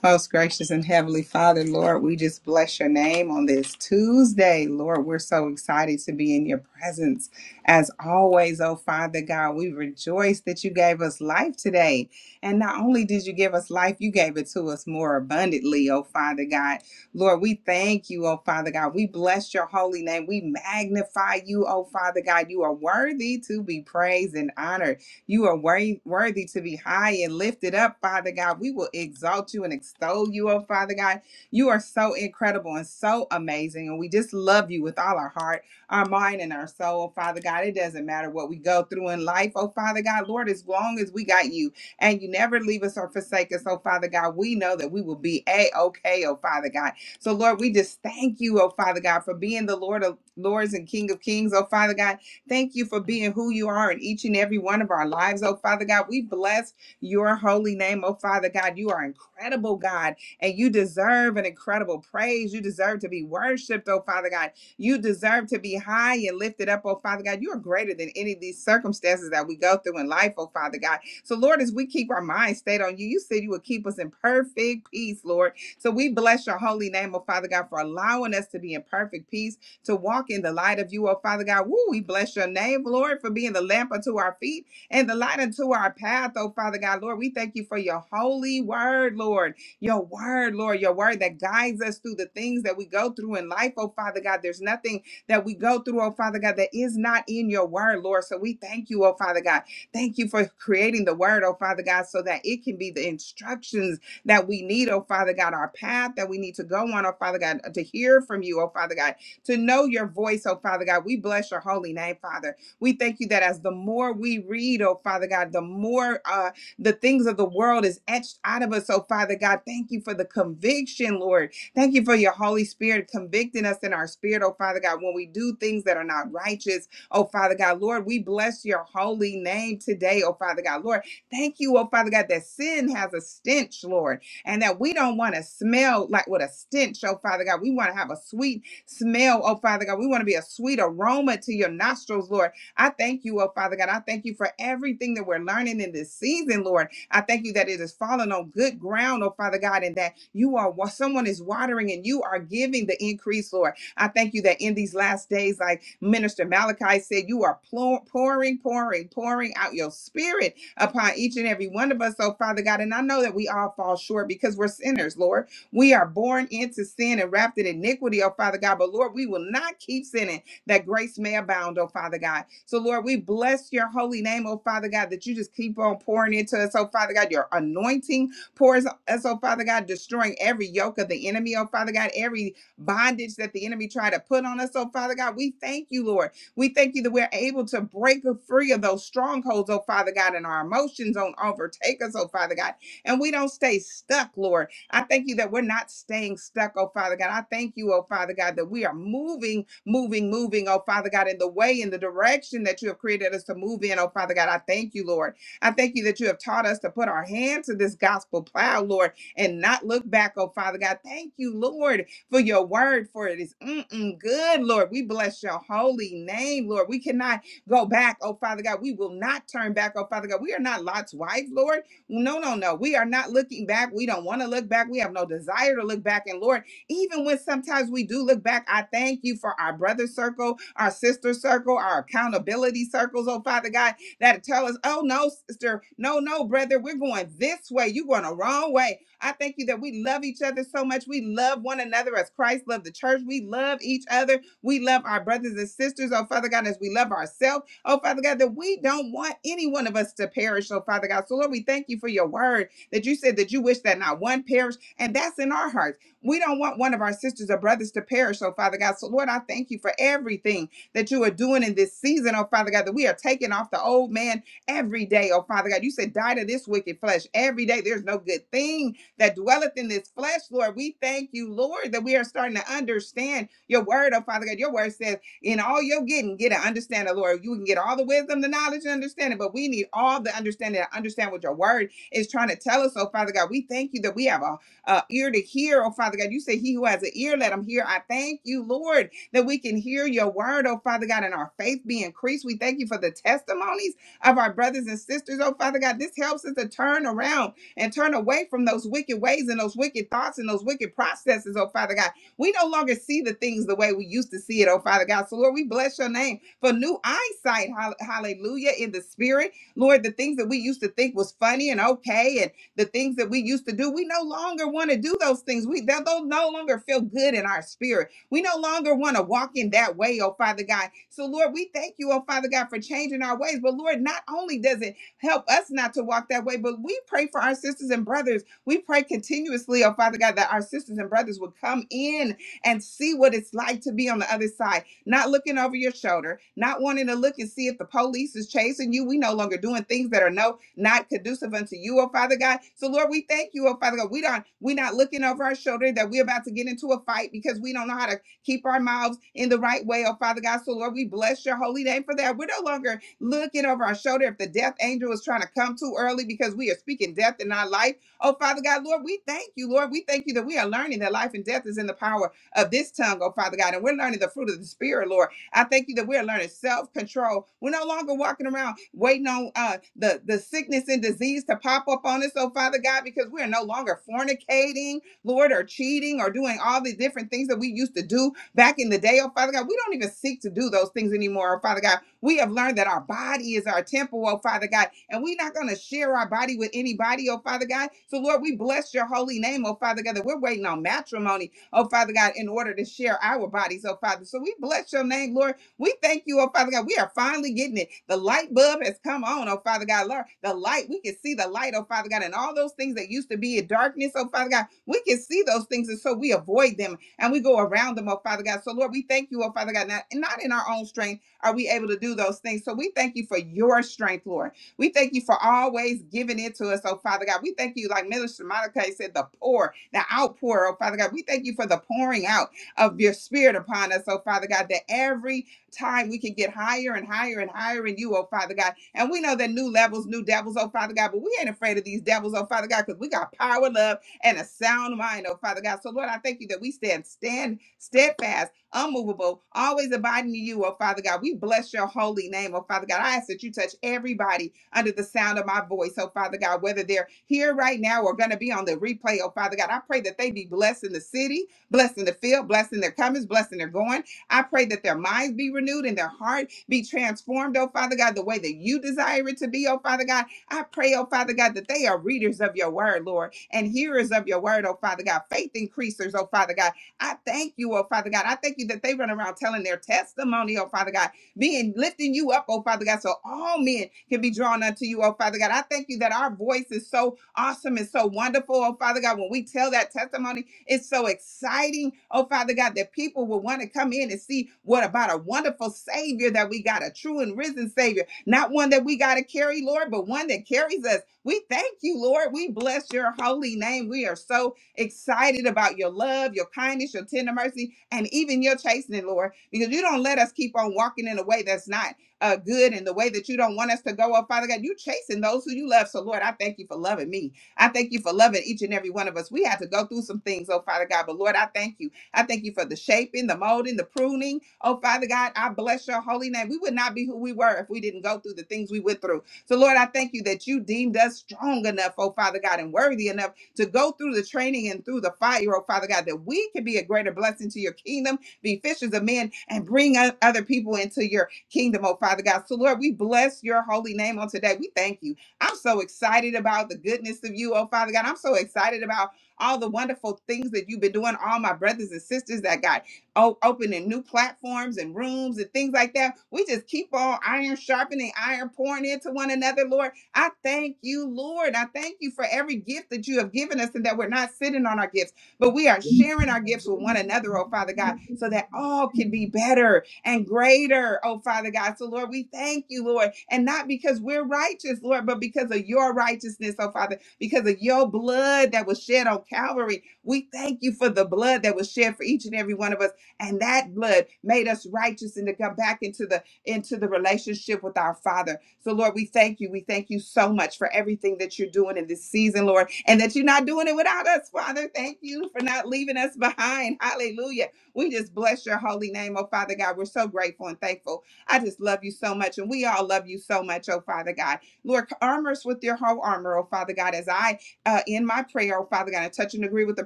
Most gracious and heavenly Father, Lord, we just bless your name on this Tuesday. Lord, we're so excited to be in your presence. As always, oh Father God, we rejoice that you gave us life today. And not only did you give us life, you gave it to us more abundantly, oh Father God. Lord, we thank you, oh Father God. We bless your holy name. We magnify you, oh Father God. You are worthy to be praised and honored. You are worthy, worthy to be high and lifted up, Father God. We will exalt you and extol you, oh Father God. You are so incredible and so amazing. And we just love you with all our heart, our mind, and our soul, oh, Father God. It doesn't matter what we go through in life, oh Father God. Lord, as long as we got you and you never leave us or forsake us, oh Father God, we know that we will be a okay, oh Father God. So, Lord, we just thank you, oh Father God, for being the Lord of Lords and King of Kings, oh Father God. Thank you for being who you are in each and every one of our lives, oh Father God. We bless your holy name, oh Father God. You are incredible, God, and you deserve an incredible praise. You deserve to be worshiped, oh Father God. You deserve to be high and lifted up, oh Father God. You are greater than any of these circumstances that we go through in life, oh Father God. So, Lord, as we keep our minds stayed on you, you said you would keep us in perfect peace, Lord. So we bless your holy name, oh Father God, for allowing us to be in perfect peace to walk in the light of you, oh Father God. Woo, we bless your name, Lord, for being the lamp unto our feet and the light unto our path, oh Father God. Lord, we thank you for your holy word, Lord. Your word, Lord, your word that guides us through the things that we go through in life, oh Father God. There's nothing that we go through, oh Father God, that is not in your word, Lord. So we thank you, oh Father God. Thank you for creating the word, oh Father God, so that it can be the instructions that we need, oh Father God, our path that we need to go on, oh Father God, to hear from you, oh Father God to know your voice, oh Father God. We bless your holy name, Father. We thank you that as the more we read, oh Father God, the more uh, the things of the world is etched out of us, oh Father God. Thank you for the conviction, Lord. Thank you for your Holy Spirit convicting us in our spirit, oh Father God, when we do things that are not righteous, oh Father God. Lord, we bless your holy name today, oh Father God. Lord, thank you, oh Father God, that sin has a stench, Lord, and that we don't want to smell like with a stench, oh Father God. We want to have a sweet smell, oh Father God. We want to be a sweet aroma to your nostrils, Lord. I thank you, oh Father God. I thank you for everything that we're learning in this season, Lord. I thank you that it is falling on good ground, oh Father God, and that you are someone is watering and you are giving the increase, Lord. I thank you that in these last days, like Minister Malachi said, you are plo- pouring, pouring, pouring out your spirit upon each and every one of us, oh Father God. And I know that we all fall short because we're sinners, Lord. We are born into sin and wrapped in iniquity, oh Father God. But Lord, we will not keep sinning that grace may abound, oh Father God. So Lord, we bless your holy name, oh Father God, that you just keep on pouring into us, oh Father God. Your anointing pours us, oh Father God, destroying every yoke of the enemy, oh Father God, every bondage that the enemy tried to put on us, oh Father God. We thank you, Lord. We thank you that we're able to break free of those strongholds, oh Father God, and our emotions don't overtake us, oh Father God. And we don't stay stuck, Lord. I thank you that we're not staying stuck, oh Father God. I thank you, oh Father God, that we are moving, moving, moving, oh Father God, in the way, in the direction that you have created us to move in, oh Father God. I thank you, Lord. I thank you that you have taught us to put our hand to this gospel plow, Lord, and not look back, oh Father God. Thank you, Lord, for your word, for it is mm-mm good, Lord. We bless your holy name, Lord. We cannot go back, oh Father God. We will not turn back, oh Father God. We are not Lot's wife, Lord. No, no, no. We are not looking back. We don't want to look back. We have no desire to look back. And Lord, even when sometimes we do look back, I thank you for our brother circle, our sister circle, our accountability circles, oh Father God, that tell us, oh no, sister, no, no, brother, we're going this way. You're going the wrong way. I thank you that we love each other so much. We love one another as Christ loved the church. We love each other. We love our brothers and sisters, oh Father God, as we love ourselves. Oh, Father God, that we don't want any one of us to perish, oh, Father God. So, Lord, we thank you for your word that you said that you wish that not one perish, and that's in our hearts. We don't want one of our sisters or brothers to perish, oh, Father God. So, Lord, I thank you for everything that you are doing in this season, oh, Father God, that we are taking off the old man every day, oh, Father God. You said, die to this wicked flesh every day. There's no good thing that dwelleth in this flesh, Lord. We thank you, Lord, that we are starting to understand your word, oh Father God. Your word says. In all you're getting, get an understanding, Lord. You can get all the wisdom, the knowledge, and understanding, but we need all the understanding to understand what your word is trying to tell us. So, Father God, we thank you that we have a, a ear to hear. Oh, Father God, you say, He who has an ear, let him hear. I thank you, Lord, that we can hear your word, oh, Father God, and our faith be increased. We thank you for the testimonies of our brothers and sisters. Oh, Father God, this helps us to turn around and turn away from those wicked ways and those wicked thoughts and those wicked processes, oh Father God. We no longer see the things the way we used to see it, oh Father God. So, Lord, we bless your name for new eyesight. Hall- Hallelujah. In the spirit, Lord, the things that we used to think was funny and okay, and the things that we used to do, we no longer want to do those things. We that those no longer feel good in our spirit. We no longer want to walk in that way, oh Father God. So, Lord, we thank you, oh Father God, for changing our ways. But Lord, not only does it help us not to walk that way, but we pray for our sisters and brothers we pray continuously, oh Father God, that our sisters and brothers would come in and see what it's like to be on the other side, not looking over your shoulder, not wanting to look and see if the police is chasing you. We no longer doing things that are no not conducive unto you, oh Father God. So Lord, we thank you, oh Father God. We don't we're not looking over our shoulder that we're about to get into a fight because we don't know how to keep our mouths in the right way, oh Father God. So Lord, we bless your holy name for that. We're no longer looking over our shoulder if the death angel is trying to come too early because we are speaking death in our life. Oh, Father God, Lord, we thank you, Lord. We thank you that we are learning that life and death is in the power of this tongue, oh, Father God. And we're learning the fruit of the Spirit, Lord. I thank you that we're learning self control. We're no longer walking around waiting on uh, the, the sickness and disease to pop up on us, oh, Father God, because we're no longer fornicating, Lord, or cheating or doing all the different things that we used to do back in the day, oh, Father God. We don't even seek to do those things anymore, oh, Father God. We have learned that our body is our temple, oh Father God, and we're not going to share our body with anybody, oh Father God. So, Lord, we bless your holy name, oh Father God, that we're waiting on matrimony, oh Father God, in order to share our bodies, oh Father. So, we bless your name, Lord. We thank you, oh Father God. We are finally getting it. The light bulb has come on, oh Father God. Lord, the light, we can see the light, oh Father God, and all those things that used to be in darkness, oh Father God, we can see those things, and so we avoid them and we go around them, oh Father God. So Lord, we thank you, oh Father God, not, not in our own strength are we able to do those things? So we thank you for your strength, Lord. We thank you for always giving it to us, oh Father God. We thank you, like Minister Monica said, the pour, the outpour, oh Father God. We thank you for the pouring out of your spirit upon us, oh Father God, that every time we can get higher and higher and higher in you, oh Father God. And we know that new levels, new devils, oh Father God, but we ain't afraid of these devils, oh Father God, because we got power, love, and a sound mind, oh Father God. So Lord, I thank you that we stand, stand steadfast unmovable, always abiding in you, oh Father God. We bless your holy name, oh Father God. I ask that you touch everybody under the sound of my voice, oh Father God, whether they're here right now or going to be on the replay, oh Father God. I pray that they be blessed in the city, blessed in the field, blessed in their comings, blessed in their going. I pray that their minds be renewed and their heart be transformed, oh Father God, the way that you desire it to be, oh Father God. I pray, oh Father God, that they are readers of your word, Lord, and hearers of your word, oh Father God, faith increasers, oh Father God I thank you, oh Father God. I thank you that they run around telling their testimony, oh Father God, being lifting you up, oh Father God, so all men can be drawn unto you, oh Father God. I thank you that our voice is so awesome and so wonderful, oh Father God. When we tell that testimony, it's so exciting, oh Father God, that people will want to come in and see what about a wonderful Savior that we got, a true and risen Savior, not one that we got to carry, Lord, but one that carries us. We thank you, Lord. We bless your holy name. We are so excited about your love, your kindness, your tender mercy, and even your chastening, Lord, because you don't let us keep on walking in a way that's not uh, good and the way that you don't want us to go. Oh, Father God, you chasing those who you love. So, Lord, I thank you for loving me. I thank you for loving each and every one of us. We had to go through some things, oh, Father God, but Lord, I thank you. I thank you for the shaping, the molding, the pruning. Oh, Father God, I bless your holy name. We would not be who we were if we didn't go through the things we went through. So, Lord, I thank you that you deemed us strong enough, oh, Father God, and worthy enough to go through the training and through the fire, oh Father God, that we can be a greater blessing to your kingdom, be fishers of men, and bring o- other people into your kingdom, oh Father God. So, Lord, we bless your holy name on today. We thank you. I'm so excited about the goodness of you, oh Father God. I'm so excited about all the wonderful things that you've been doing, all my brothers and sisters that got o- opening new platforms and rooms and things like that. We just keep on iron sharpening, iron pouring into one another, Lord. I thank you, Lord. I thank you for every gift that you have given us and that we're not sitting on our gifts, but we are sharing our gifts with one another, oh Father God, so that all can be better and greater, oh Father God. So, Lord, we thank you, Lord, and not because we're righteous, Lord, but because of your righteousness, oh Father, because of your blood that was shed on Calvary. We thank you for the blood that was shed for each and every one of us, and that blood made us righteous and to come back into the into the relationship with our Father. So, Lord, we thank you. We thank you so much for everything that you're doing in this season, Lord, and that you're not doing it without us, Father. Thank you for not leaving us *laughs* behind. Hallelujah. We just bless your holy name, oh Father God. We're so grateful and thankful. I just love you so much, and we all love you so much, oh Father God. Lord, armor us with your whole armor, oh Father God, as I uh, in my prayer, oh Father God, I touch and agree with the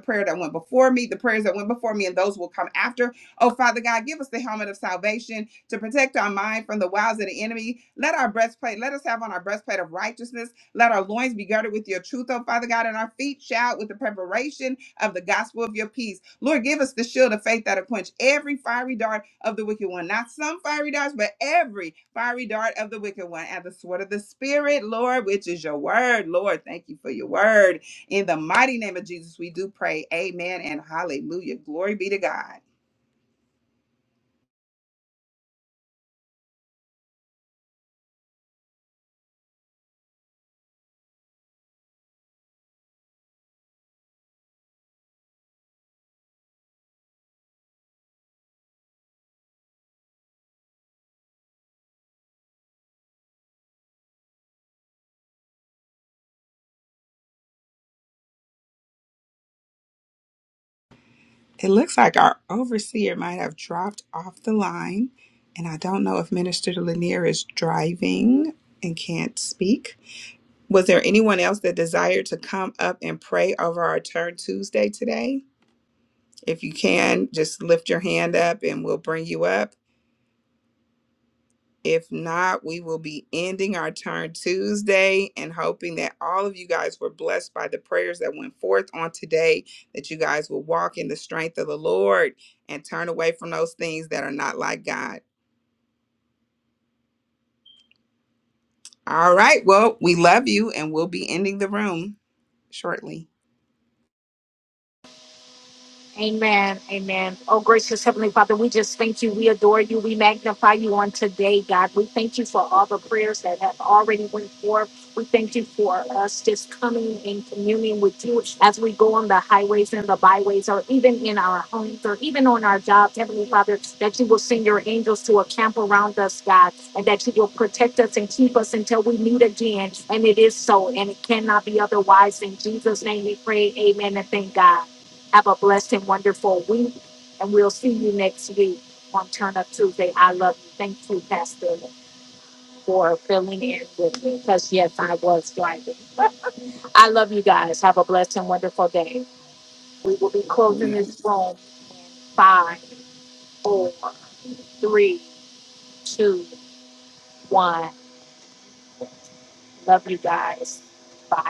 prayer that went before me, the prayers that went before me, and those will come after. Oh, Father God, give us the helmet of salvation to protect our mind from the wiles of the enemy. Let our breastplate, let us have on our breastplate of righteousness. Let our loins be girded with your truth, oh Father God, and our feet shout with the preparation of the gospel of your peace. Lord, give us the shield of faith that'll quench every fiery dart of the wicked one. Not some fiery darts, but every fiery dart of the wicked one. And the sword of the Spirit, Lord, which is your word. Lord, thank you for your word. In the mighty name of Jesus, we do pray. Amen and hallelujah. Glory be to God. It looks like our overseer might have dropped off the line, and I don't know if Minister Lanier is driving and can't speak. Was there anyone else that desired to come up and pray over our Turn Tuesday today? If you can, just lift your hand up and we'll bring you up. If not, we will be ending our turn Tuesday and hoping that all of you guys were blessed by the prayers that went forth on today, that you guys will walk in the strength of the Lord and turn away from those things that are not like God. All right. Well, we love you and we'll be ending the room shortly.
Amen. Amen. Oh, gracious Heavenly Father, we just thank you. We adore you. We magnify you on today, God. We thank you for all the prayers that have already went forth. We thank you for us just coming in communion with you as we go on the highways and the byways, or even in our homes, or even on our jobs, Heavenly Father, that you will send your angels to a camp around us, God, and that you will protect us and keep us until we meet again. And it is so, and it cannot be otherwise. In Jesus' name we pray, amen, and thank God. Have a blessed and wonderful week, and we'll see you next week on Turn Up Tuesday. I love you. Thank you, Pastor, for filling in with me because, yes, I was driving. *laughs* I love you guys. Have a blessed and wonderful day. We will be closing
We.
this room. Five, four, three, two, one. Love you guys. Bye.